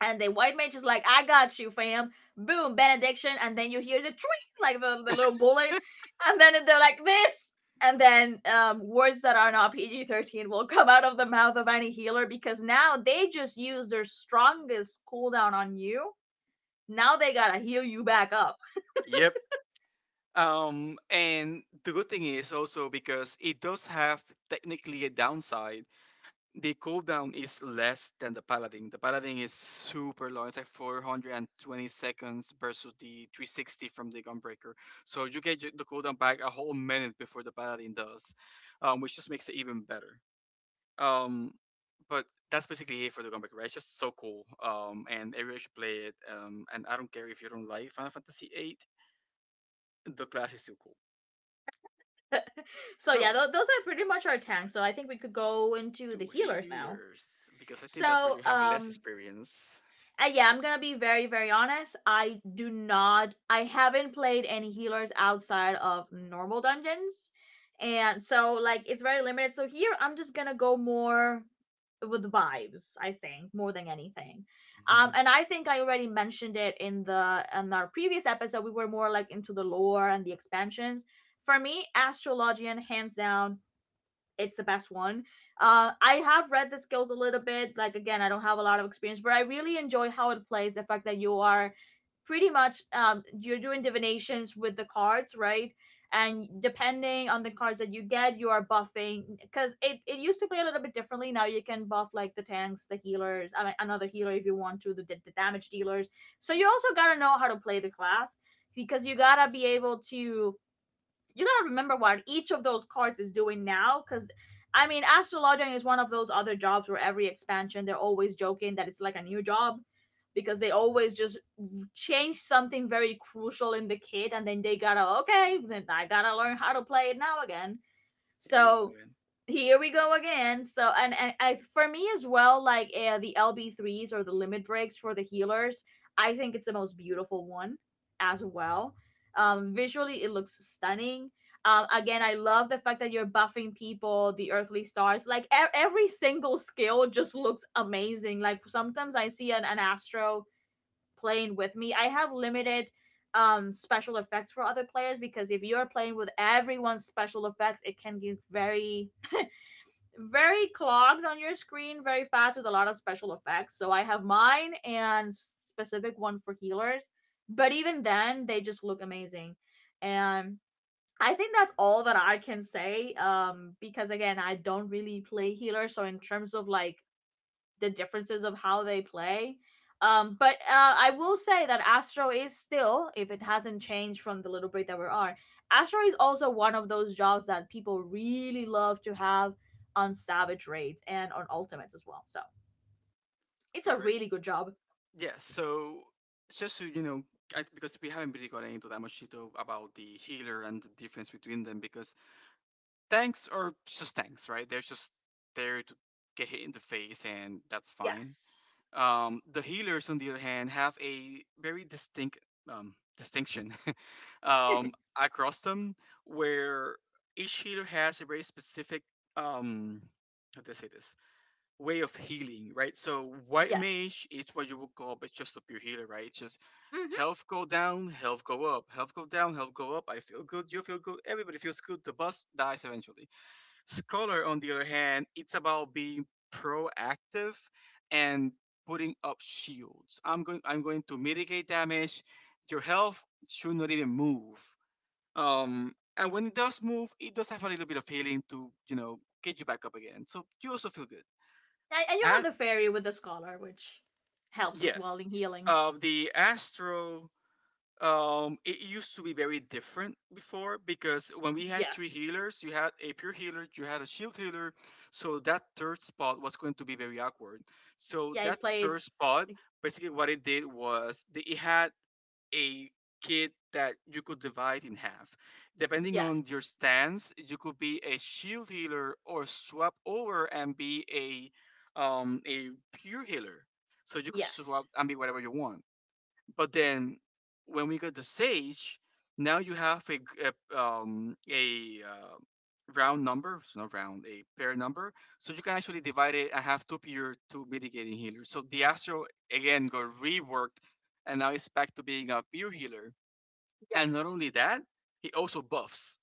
A: and the white mage is like, I got you, fam. Boom, benediction. And then you hear the tweet, like the little bullet. And then they're like, this. And then, words that are not PG-13 will come out of the mouth of any healer because now they just use their strongest cooldown on you. Now they gotta heal you back up.
B: Yep. And the good thing is also because it does have technically a downside. The cooldown is less than the Paladin. The Paladin is super long. It's like 420 seconds versus the 360 from the Gunbreaker. So you get the cooldown back a whole minute before the Paladin does, which just makes it even better. Um, but that's basically it for the Gunbreaker, right? It's just so cool. And everybody should play it. And I don't care if you don't like Final Fantasy VIII, the class is still cool.
A: So, yeah,
B: So,
A: those are pretty much our tanks. So, I think we could go into the
B: to
A: healers now.
B: healers because I think that's where you
A: So,
B: have less experience.
A: Yeah, I'm gonna be very, very honest. I do not. I haven't played any healers outside of normal dungeons, and so like it's very limited. So here, I'm just gonna go more with vibes, I think, more than anything. Um,
B: Here
A: and I think I already mentioned it in the in our previous episode. We were more like into the lore and the expansions. For me, Astrologian, hands down, it's the best one. I have read the skills a little bit. Like, again, I don't have a lot of experience, but I really enjoy how it plays. The fact that you are pretty much, you're doing divinations with the cards, right? And depending on the cards that you get, you are buffing because it used to play a little bit differently. Now you can buff like the tanks, the healers, I mean, another healer if you want to, the damage dealers. So you also gotta know how to play the class because you gotta be able to you gotta remember what each of those cards is doing now. Because I mean, Astrologian is one of those other jobs where every expansion they're always joking that it's like a new job, because they always just change something very crucial in the kit, and then they gotta, okay, then I gotta learn how to play it now again.
B: we go
A: So
B: again.
A: here we go again. So, and I for me as well, like, the LB3s or the limit breaks for the healers, I think it's the most beautiful one as well. Visually, it looks stunning. Again, I love the fact that you're buffing people, the earthly stars. Like, every single skill just looks amazing. Like, sometimes I see an astro playing with me. I have limited, special effects for other players, because if you're playing with everyone's special effects, it can get very, very clogged on your screen very fast with a lot of special effects. So I have mine and specific one for healers. But even then, they just look amazing. And I think that's all that I can say. Because again, I don't really play healer, so in terms of, like, the differences of how they play. But I will say that Astro is still, if it hasn't changed from the little break that we're on, Astro is also one of those jobs that people really love to have on Savage raids and on Ultimates as well. So it's a
B: Correct.
A: really good job.
B: Yeah. So just so you know, because we haven't really gotten into that much detail about the healer and the difference between them, because tanks are just tanks, right? They're just there to get hit in the face, and that's fine.
A: Yes.
B: The healers, on the other hand, have a very distinct, distinction, um, across them, where each healer has a very specific, um, how do I say this, way of healing, right? So white
A: Yes.
B: mage is what you would call, but just a pure healer, right? It's just
A: Hmm.
B: health go down, health go up, health go down, health go up. I feel good, you feel good, everybody feels good. The boss dies eventually. Scholar, on the other hand, it's about being proactive and putting up shields. I'm going to mitigate damage. Your health should not even move. And when it does move, it does have a little bit of healing to, you know, get you back up again. So you also feel good.
A: And you
B: A-
A: have the fairy with the scholar, which helps as well
B: yes.
A: in healing.
B: The Astro, it used to be very different before because when we had three
A: Yes.
B: healers, you had a pure healer, you had a shield healer, so that third spot was going to be very awkward. So
A: Yeah, it
B: that
A: played.
B: third spot,
A: Like,
B: basically, what it did was it had a kit that you could divide in half. Depending on your
A: yes.
B: stance, you could be a shield healer or swap over and be a a pure healer. So you could swap
A: Yes.
B: and be whatever you want. But then when we got the sage, now you have a round number, so not round, a pair number. So you can actually divide it and have two pure, two mitigating healers. So the Astro again got reworked, and now it's back to being a pure healer. And not
A: Yes.
B: only that, he also buffs.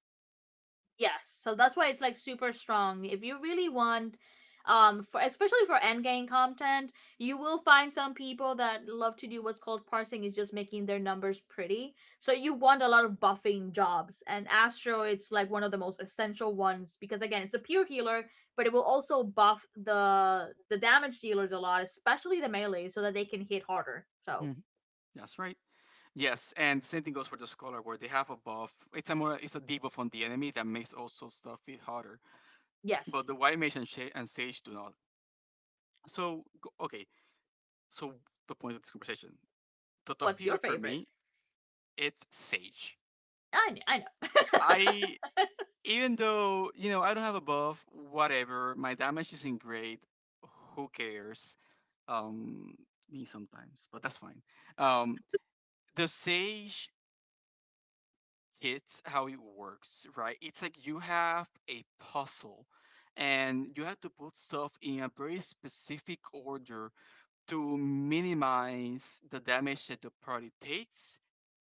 A: Yes, so that's why it's like super strong. If you really want, for especially for end game content, you will find some people that love to do what's called parsing, is just making their numbers pretty. So you want a lot of buffing jobs, and Astro, it's like one of the most essential ones because, again, it's a pure healer, but it will also buff the damage dealers a lot, especially the melee, so that they can hit harder. So
B: Mhm. That's right. Yes, and same thing goes for the scholar where they have a buff. It's a more it's a debuff on the enemy that makes also stuff feel harder.
A: yes,
B: But the white mage and, sage do not. So okay, so the point of this conversation, the top
A: what's your
B: pillar for
A: favorite?
B: me, it's Sage.
A: I know,
B: I Even though you know I don't have a buff, whatever, my damage isn't great. Who cares? Um, me sometimes, but that's fine. Um, the Sage hits how it works, right? It's like you have a puzzle, and you have to put stuff in a very specific order to minimize the damage that the party takes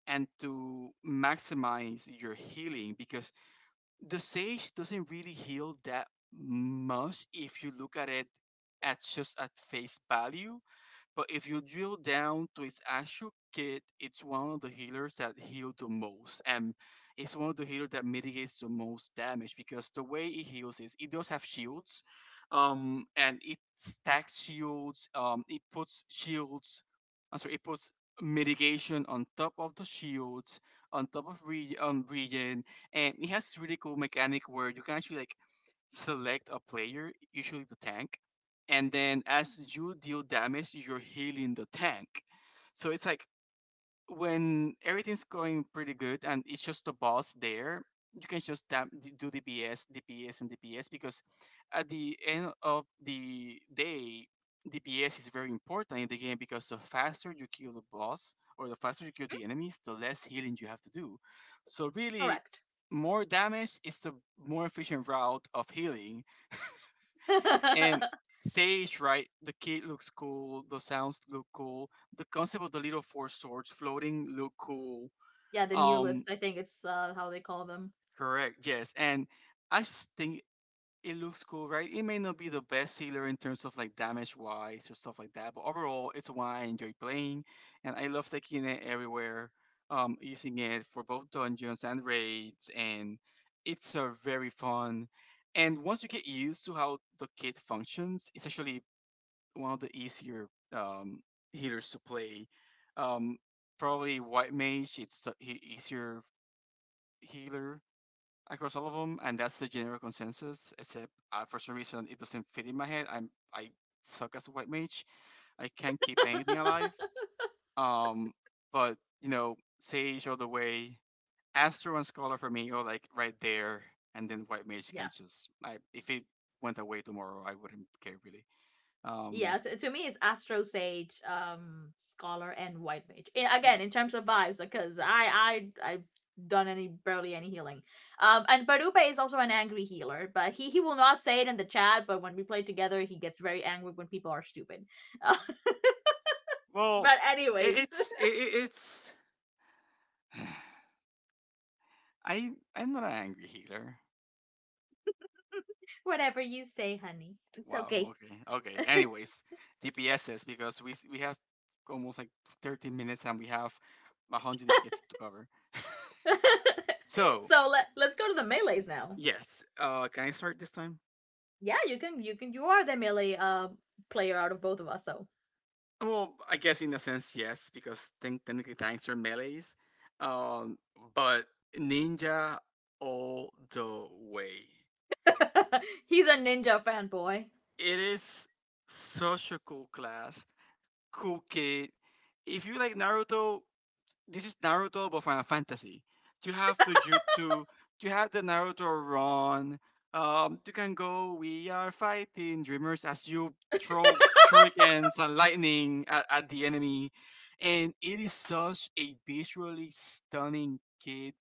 B: and to maximize your healing because the sage doesn't really heal that much if you look at it at just at face value but if you drill down to its actual kit, it's one of the healers that heal the most. And it's one of the healers that mitigates the most damage because the way it heals is it does have shields. And it stacks shields. It puts shields. I'm sorry, it puts mitigation on top of the shields, on top of regen, and it has this really cool mechanic where you can actually like select a player, usually the tank, and then as you deal damage, you're healing the tank. So it's like when everything's going pretty good and it's just the boss there, you can just do DPS, DPS, and DPS because at the end of the day, DPS is very important in the game because the faster you kill the boss or the faster you kill the enemies, the less healing you have to do. So really, more damage is the more efficient route of healing
A: correct.
B: and Sage, right? The kid looks cool. The sounds look cool. The concept of the little four swords floating look cool.
A: Yeah, the new
B: Um,
A: list. I think it's, how they call them.
B: correct. Yes, and I just think it looks cool, right? It may not be the best sealer in terms of like damage wise or stuff like that, but overall, it's one I enjoy playing, and I love taking it everywhere. Using it for both dungeons and raids, and it's a very fun. And once you get used to how the kit functions, it's actually one of the easier um, healers to play. Um, probably White Mage, it's the easier healer across all of them, and that's the general consensus. Except for some reason, it doesn't fit in my head. I suck as a White Mage. I can't keep anything alive. Um, but Sage all the way, Astro and Scholar for me are like right there, and then White Mage can
A: Yeah.
B: just. I if it went away tomorrow, I wouldn't care really. Um,
A: Yeah, to me it's Astro, Sage, Scholar, and White Mage. Again, in terms of vibes, because I've done any barely any healing. And Barupe is also an angry healer, but he will not say it in the chat. But when we play together, he gets very angry when people are stupid. Uh,
B: Well,
A: but
B: it,
A: anyways,
B: it's it, it- it's I I'm not an angry healer.
A: whatever you say, honey, it's
B: Wow.
A: okay.
B: Okay. Okay. Anyways, DPSs because we have almost like 13 minutes and we have 100 DPS to cover. So
A: So let's go to the melees now.
B: yes. Can I start this time?
A: Yeah, you can. You can. You are the melee, player out of both of us. So
B: Well, I guess in a sense yes because think technically tanks are melee's, um, but ninja all the way.
A: he's a ninja fanboy.
B: It is such a cool class cool kid. If you like Naruto, this is Naruto but Final Fantasy. You have the Jutsu, you have the Naruto run. You can go. We are fighting dreamers as you throw shurikens and lightning at the enemy, and it is such a visually stunning kid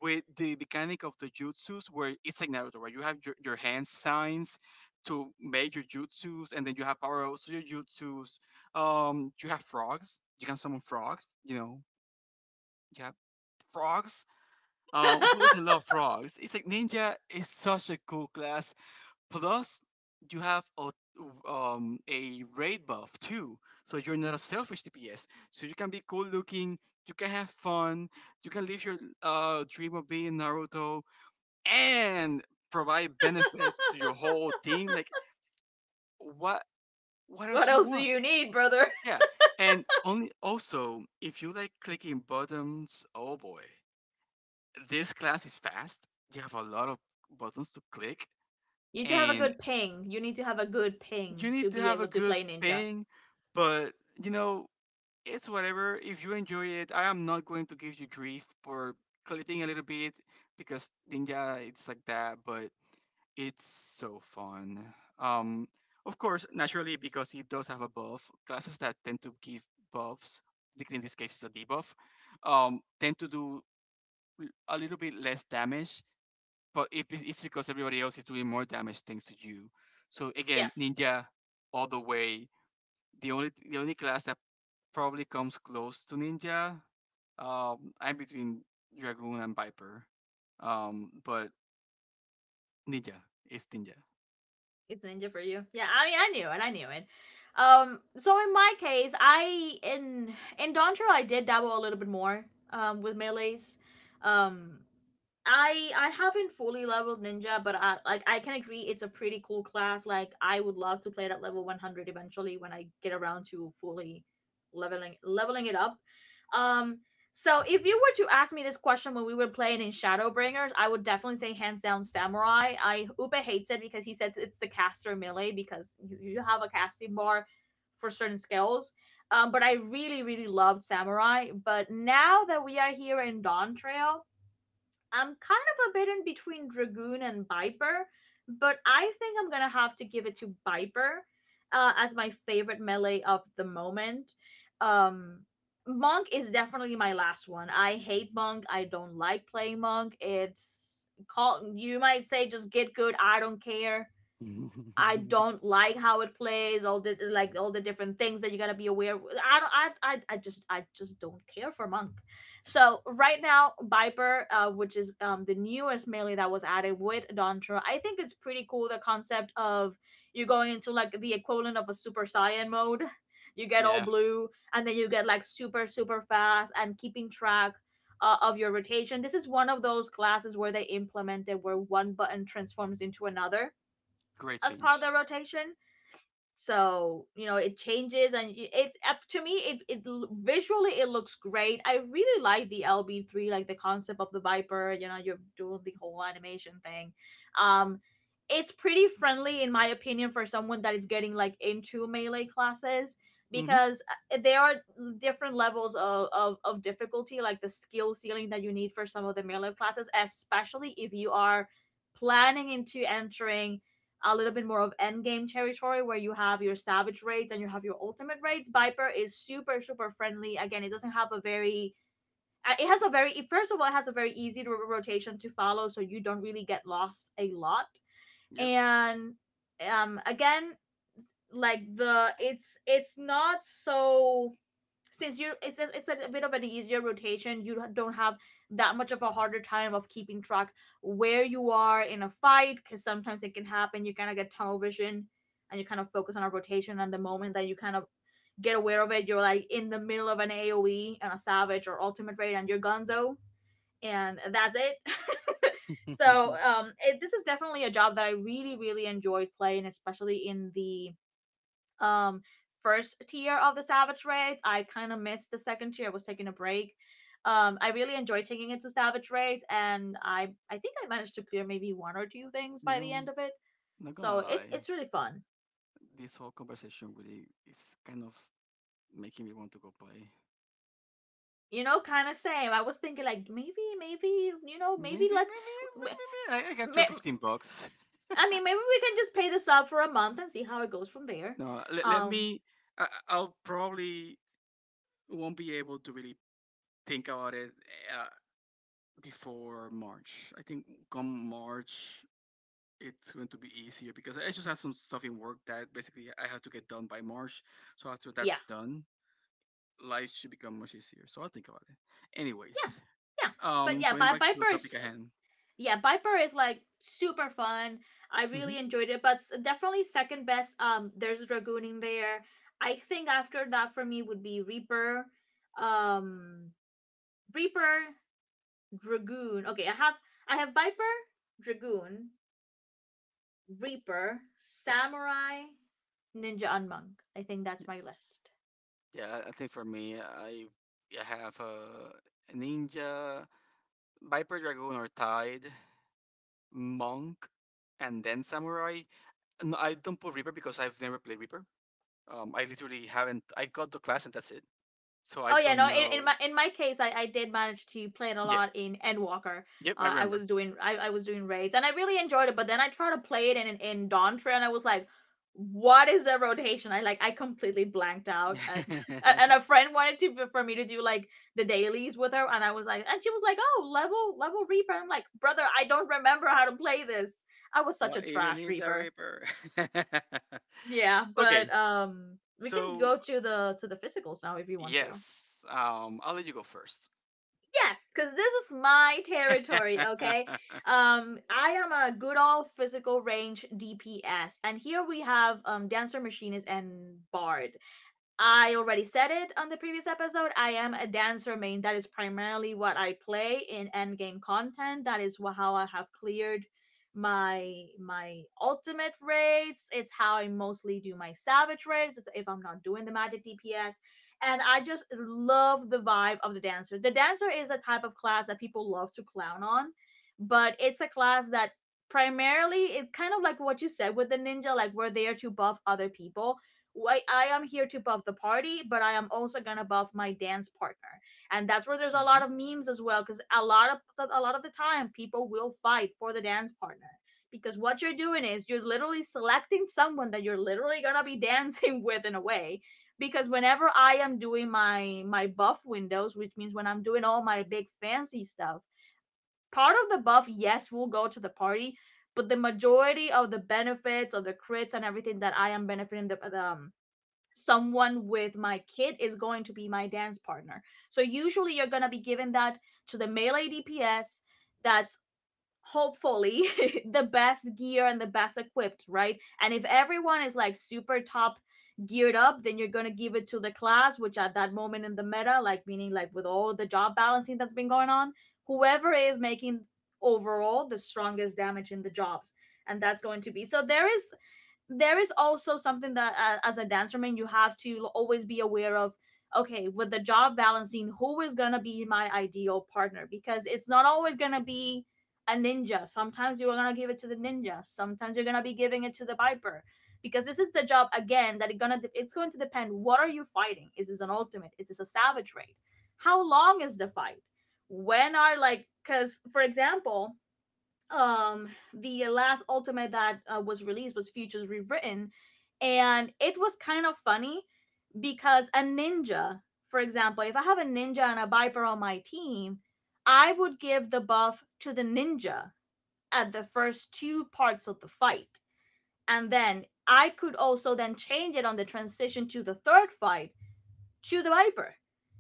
B: with the mechanic of the jutsus where it's like Naruto, where you have your hand signs to make your jutsus and then you have power ups to your jutsus. You have frogs. You can summon frogs, you have frogs. Who doesn't love frogs? It's like ninja is such a cool class. Plus you have a raid buff too. So you're not a selfish DPS. So you can be cool looking, you can have fun, you can live your dream of being Naruto and provide benefit to your whole team. Like what what
A: What
B: else you
A: else do
B: want?
A: you need, brother?
B: Yeah. And only also if you like clicking buttons, oh boy. This class is fast. You have a lot of buttons to click
A: You need to have a
B: and
A: good ping. You need to have a good
B: you
A: ping to
B: need to
A: be
B: have a
A: able to
B: good
A: play ninja.
B: ping, but you know, it's whatever. If you enjoy it, I am not going to give you grief for clipping a little bit because Ninja it's like that, but it's so fun. Um, of course, naturally, because he does have a buff, classes that tend to give buffs, like in this case, it's a debuff, tend to do a little bit less damage, but it's because everybody else is doing more damage thanks to you. So again,
A: Yes,
B: ninja all the way. The only class that probably comes close to ninja, I'm between dragoon and viper, but ninja is ninja.
A: it's ninja for you. Yeah, I mean, I knew it. I knew it. So in my case, I in Dontro I did dabble a little bit more, with melee's. Um, I haven't fully leveled ninja, but I can agree it's a pretty cool class. Like, I would love to play it at level 100 eventually when I get around to fully leveling it up. Um so if you were to ask me this question when we were playing in Shadowbringers, I would definitely say, hands down, samurai. I Upe hates it because he says it's the caster melee, because you have a casting bar for certain skills. But I really, really loved Samurai. But now that we are here in Dawn Trail, I'm kind of a bit in between Dragoon and Viper, but I think I'm gonna have to give it to Viper, as my favorite melee of the moment. Um, Monk is definitely my last one. I hate Monk. I don't like playing Monk. It's call. You might say just get good. I don't care. I don't like how it plays, all the different things that you gotta be aware of. I don't. I just don't care for Monk. So right now, Viper, which is, the newest melee that was added with Dontra, I think it's pretty cool. The concept of you going into like the equivalent of a Super Saiyan mode. You get all
B: Yeah.
A: blue, and then you get like super, super fast and keeping track. Of your rotation. This is one of those classes where they implemented where one button transforms into another
B: Great
A: as part of
B: change.
A: their rotation. So you know it changes, and it's up to me. It visually it looks great. I really like the LB3, like the concept of the Viper. You know, you're doing the whole animation thing. Um, it's pretty friendly in my opinion for someone that is getting like into melee classes
B: Hmm.
A: because, there are different levels of difficulty, like the skill ceiling that you need for some of the melee classes, especially if you are planning into entering a little bit more of end game territory where you have your savage raids and you have your ultimate raids. Viper is super, super friendly. Again, it doesn't have a very it has a very, first of all it has a very easy rotation to follow, so you don't really get lost a lot.
B: Yep.
A: And, again, like, the it's not so, since it's a bit of an easier rotation, you don't have that much of a harder time of keeping track where you are in a fight. Because sometimes it can happen, you kind of get tunnel vision, and you kind of focus on a rotation, and the moment that you kind of get aware of it, you're like in the middle of an aoe and a savage or ultimate raid, and you're gonzo, and that's it. So this is definitely a job that I really, really enjoyed playing, especially in the, um first tier of the Savage Raids. I kind of missed the second tier. I was taking a break. I really enjoyed taking it to Savage Raids, and I think I managed to clear maybe one or two things by the
B: No,
A: end of it.
B: not gonna
A: So
B: lie.
A: it's really fun.
B: This whole conversation really is kind of making me want to go play.
A: You know, kind of same. I was thinking like, maybe,
B: Maybe,
A: maybe,
B: maybe,
A: like,
B: maybe, maybe I got your 15 bucks.
A: I mean, maybe we can just pay this up for a month and see how it goes from there.
B: No, let
A: Um,
B: me. I'll probably won't be able to really think about it uh, before March. I think come March, it's going to be easier because I just have some stuff in work that basically I have to get done by March. So after
A: yeah,
B: that's done, life should become much easier. So I'll think about it.
A: yeah,
B: Anyways,
A: yeah. But yeah,
B: going
A: Bi-
B: back to the
A: Viper is
B: topic at hand.
A: yeah, Viper is like super fun. I really
B: Hmm.
A: enjoyed it, but definitely second best. There's Dragoon in there. I think after that for me would be Reaper, um, Reaper, Dragoon. Okay, I have Viper, Dragoon, Reaper, Samurai, Ninja, and Monk. I think that's my list.
B: Yeah, I think for me, I have a ninja, viper, dragoon, or tide, monk, and then samurai. No, I don't put reaper because I've never played reaper. I literally haven't. I got the class and that's it. So I
A: Oh yeah,
B: don't
A: no. In, in
B: know.
A: my in my case, I did manage to play it a
B: Yeah.
A: lot in Endwalker.
B: Yep, I
A: I
B: remember.
A: was doing I, I was doing raids and I really enjoyed it. But then I tried to play it in Dawntra and I was like, what is the rotation? I completely blanked out. And and a friend wanted to for me to do like the dailies with her, and I was like, and she was like, oh level Reaper. I'm like, brother, I don't remember how to play this. I was such a
B: What even
A: trash
B: is a
A: Reaper.
B: reaper?
A: Yeah,
B: Okay,
A: but we can
B: so
A: go to the physicals now if you want to.
B: yes. I'll let you go 1st.
A: Yes, because this is my territory, okay? I am a good old physical range DPS, and here we have Dancer Machinist and Bard. I already said it on the previous episode. I am a dancer main. That is primarily what I play in endgame content. That is how I have cleared my ultimate raids. It's how I mostly do my savage raids. It's if I'm not doing the magic DPS, and I just love the vibe of the dancer. The dancer is a type of class that people love to clown on, but it's a class that primarily it kind of like what you said with the ninja, like we're there to buff other people. I am here to buff the party, but I am also gonna buff my dance partner, and that's where there's a lot
B: Hmm.
A: of memes as well, because a lot of the time people will fight for the dance partner because what you're doing is you're literally selecting someone that you're literally gonna be dancing with in a way. Because whenever I am doing my buff windows, which means when I'm doing all my big fancy stuff, part of the buff yes will go to the party, but the majority of the benefits of the crits and everything that I am benefiting the someone with my kid is going to be my dance partner. So usually you're going to be giving that to the melee DPS that's hopefully the best gear and the best equipped, right? And if everyone is like super top geared up, then you're going to give it to the class, which at that moment in the meta, like meaning like with all the job balancing that's been going on, whoever is making overall the strongest damage in the jobs. And that's going to be, so there is also something that as a dancer man you have to always be aware of, okay, with the job balancing, who is going to be my ideal partner, because it's not always going to be a ninja. Sometimes you're going to give it to the ninja, sometimes you're going to be giving it to the viper, because this is the job again that it's going to depend, what are you fighting? Is this an ultimate? Is this a savage raid? How long is the fight? When are, like, because for example, um the last ultimate that was released was futures rewritten, and it was kind of funny because a ninja, for example, if I have a ninja and a viper on my team, I would give the buff to the ninja at the first two parts of the fight, and then I could also then change it on the transition to the third fight, to the Viper,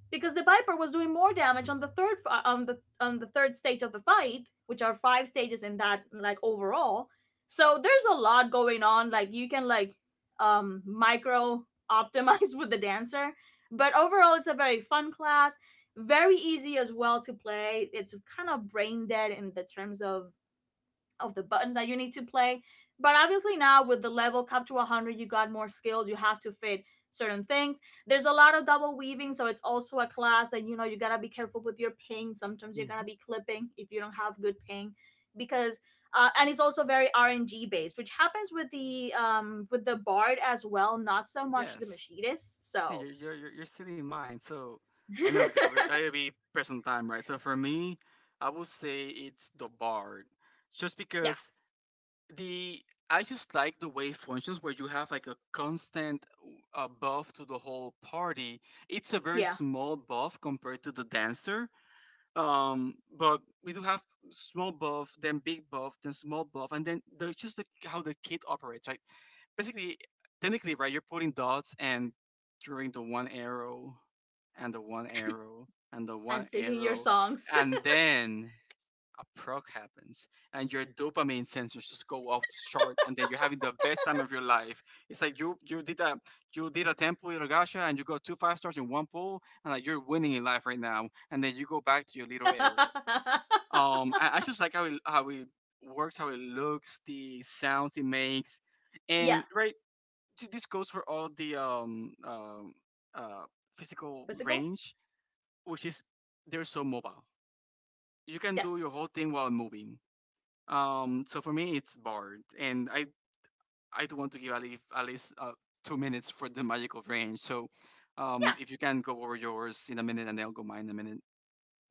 A: because the Viper was doing more damage on the third on the third stage of the fight, which are five stages in that like overall. So there's a lot going on. Like you can like micro optimize with the dancer, but overall it's a very fun class, very easy as well to play. It's kind of brain dead in the terms of the buttons that you need to play. But obviously now with the level up to 100, you got more skills. You have to fit certain things. There's a lot of double weaving, so it's also a class and you know you got to be careful with your ping. Sometimes you're going to
B: Hmm.
A: be clipping if you don't have good ping because and it's also very RNG based, which happens with the bard as well, not so much the
B: Yes.
A: machinist.
B: See,
A: So
B: you're, you're you're you're stealing mine. So I know because I be present time, right? So for me, I would say it's the bard, just
A: yeah,
B: because the I just like the way it functions where you have like a constant buff to the whole party. It's a very
A: yeah,
B: small buff compared to the dancer. But we do have small buff, then big buff, then small buff, and then there's just how the kit operates, right? Basically, technically, right, you're putting dots and drawing the one arrow, and the one arrow, and the
A: and
B: one
A: singing your
B: arrow,
A: songs.
B: and then a proc happens and your dopamine sensors just go off the chart and then you're having the best time of your life. It's like you did a temple in Rogasha and you got two five stars in one pool and like you're winning in life right now and then you go back to your little arrow. I just like how it works, how it looks, the sounds it makes.
A: Yeah,
B: And right, this goes for all the uh physical
A: physical.
B: range, which is they're so mobile. You can do your
A: Yes.
B: whole thing while moving, so for me, it's Bard, and I do want to give at least 2 minutes for the magical range. So, if you can go over yours in a minute, and I'll go mine in a minute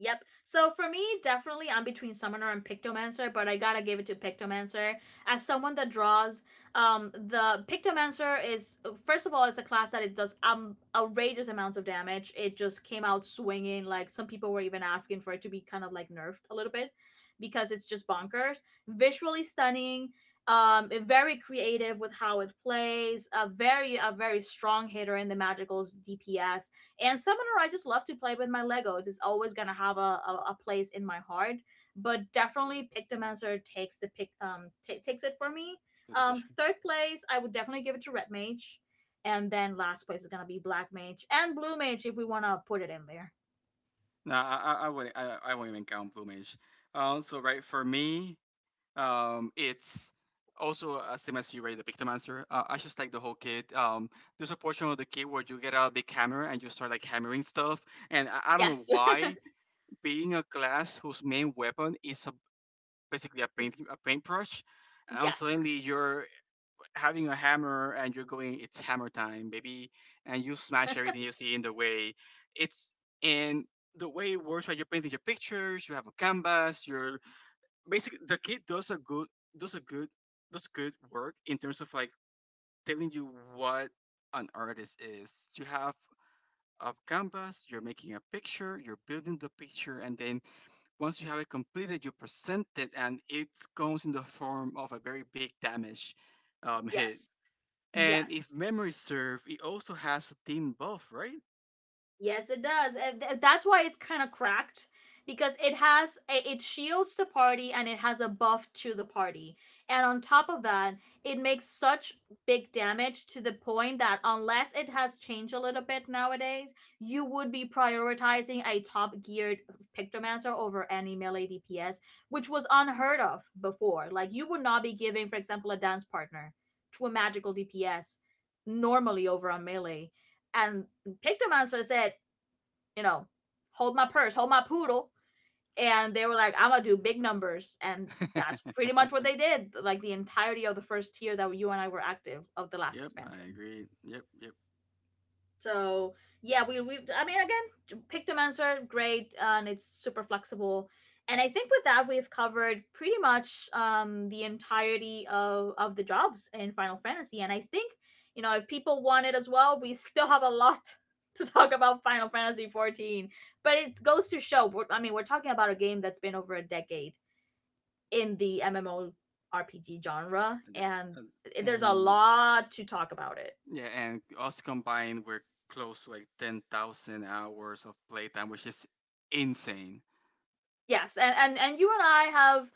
A: Yep. So for me, definitely I'm between Summoner and Pictomancer, but I gotta give it to Pictomancer. As someone that draws, the Pictomancer is, first of all, it's a class that it does outrageous amounts of damage. It just came out swinging. Like some people were even asking for it to be kind of like nerfed a little bit, because it's just bonkers. Visually stunning. Very creative with how it plays. A very strong hitter in the magicals DPS, and Summoner, I just love to play with my Legos. It's always gonna have a place in my heart. But definitely, Pictomancer takes the pic ta takes it for me.
B: to the picture.
A: Third place, I would definitely give it to Red Mage, and then last place is gonna be Black Mage and Blue Mage if we wanna put it in there.
B: Nah, I wouldn't. I won't even count blue mage. So right, for me, it's also same as you, right, the pictomancer. I just like the whole kit. There's a portion of the kit where you get a big hammer and you start like hammering stuff, and I don't know
A: Yes,
B: why, being a class whose main weapon is a basically a paintbrush, and suddenly
A: yes,
B: you're having a hammer and you're going, it's hammer time, baby, and you smash everything you see in the way. It's And the way it works, right? You're painting your pictures, you have a canvas, you're basically the kid does a good does good work in terms of like telling you what an artist is. You have a canvas, you're making a picture, you're building the picture, and then once you have it completed, you present it, and it comes in the form of a very big damage hit.
A: yes,
B: And
A: yes.
B: if memory serve, it also has a team buff,
A: Yes, it does. And that's why it's kind of cracked because it has a, it shields the party and it has a buff to the party. And on top of that, it makes such big damage to the point that unless it has changed a little bit nowadays, you would be prioritizing a top geared pictomancer over any melee DPS, which was unheard of before. Like you would not be giving, for example, a dance partner to a magical DPS normally over a melee. And Pictomancer said, you know, hold my purse, hold my poodle. And they were like, I'm gonna do big numbers. And
B: right?
A: that's pretty much what they did, like the entirety of the first year that you and I were active of the last
B: Yep, I
A: expansion.
B: agree. Yep, yep.
A: So yeah, we, I mean again, pick Dimenser, great, and it's super flexible. And I think with that we've covered pretty much the entirety of the jobs in Final Fantasy. And I think, you know, if people want it as well, we still have a lot to talk about Final Fantasy 14. But it goes to show, we're, I mean, we're talking about a game that's been over a decade in the MMO RPG genre,
B: And, the-
A: and there's a
B: and-
A: lot to talk about it.
B: yeah, and us combined, we're close to like 10,000 hours of playtime, which is insane.
A: Yes, and and you and I have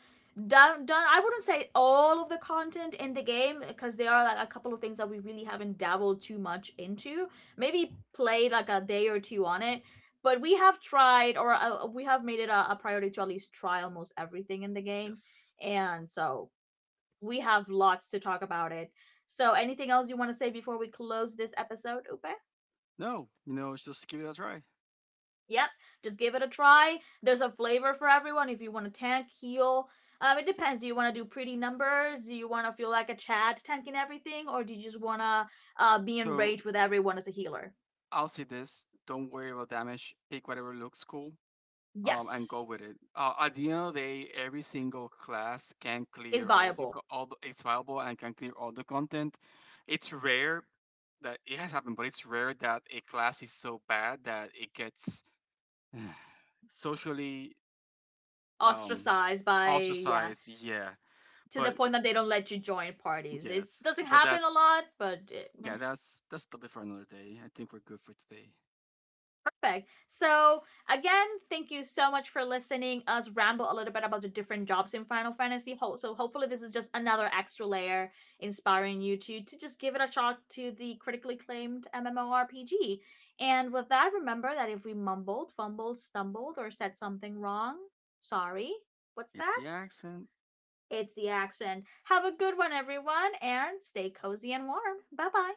A: done. I wouldn't say all of the content in the game because there are like a couple of things that we really haven't dabbled too much into. Maybe played like a day or two on it, but we have tried, or we have made it a priority to at least try almost everything in the game,
B: Yes.
A: and so we have lots to talk about it. So, anything else you want to say before we close this episode, Upe?
B: No, just give it a try.
A: Yep, just give it a try. There's a flavor for everyone. If you want to tank, heal, it depends. Do you want to do pretty numbers? Do you want to feel like a Chad tanking everything, or do you just want to be
B: So
A: enraged with everyone as a healer?
B: I'll say this don't worry about damage, pick whatever looks cool. And
A: Yes,
B: go with it. At the end of the day, every single class can
A: it's
B: clear all the
A: viable.
B: co- all the, it's viable and can clear all the content. It's rare that it has happened, but it's rare that a class is so bad that it gets socially um,
A: Ostracized by, yeah,
B: ostracized. Yeah,
A: to the
B: but
A: point that they don't let you join parties. It
B: yes,
A: doesn't
B: but
A: happen a
B: that's
A: lot, but it, meh.
B: yeah, that's topic for another day. I think we're good for today.
A: Perfect. So again, thank you so much for listening us ramble a little bit about the different jobs in Final Fantasy. So hopefully this is just another extra layer inspiring you to just give it a shot to the critically acclaimed MMORPG. And with that, remember that if we mumbled, fumbled, stumbled, or said something wrong, sorry. What's
B: It's
A: that?
B: the accent.
A: It's the accent. Have a good one, everyone, and stay cozy and warm. Bye bye.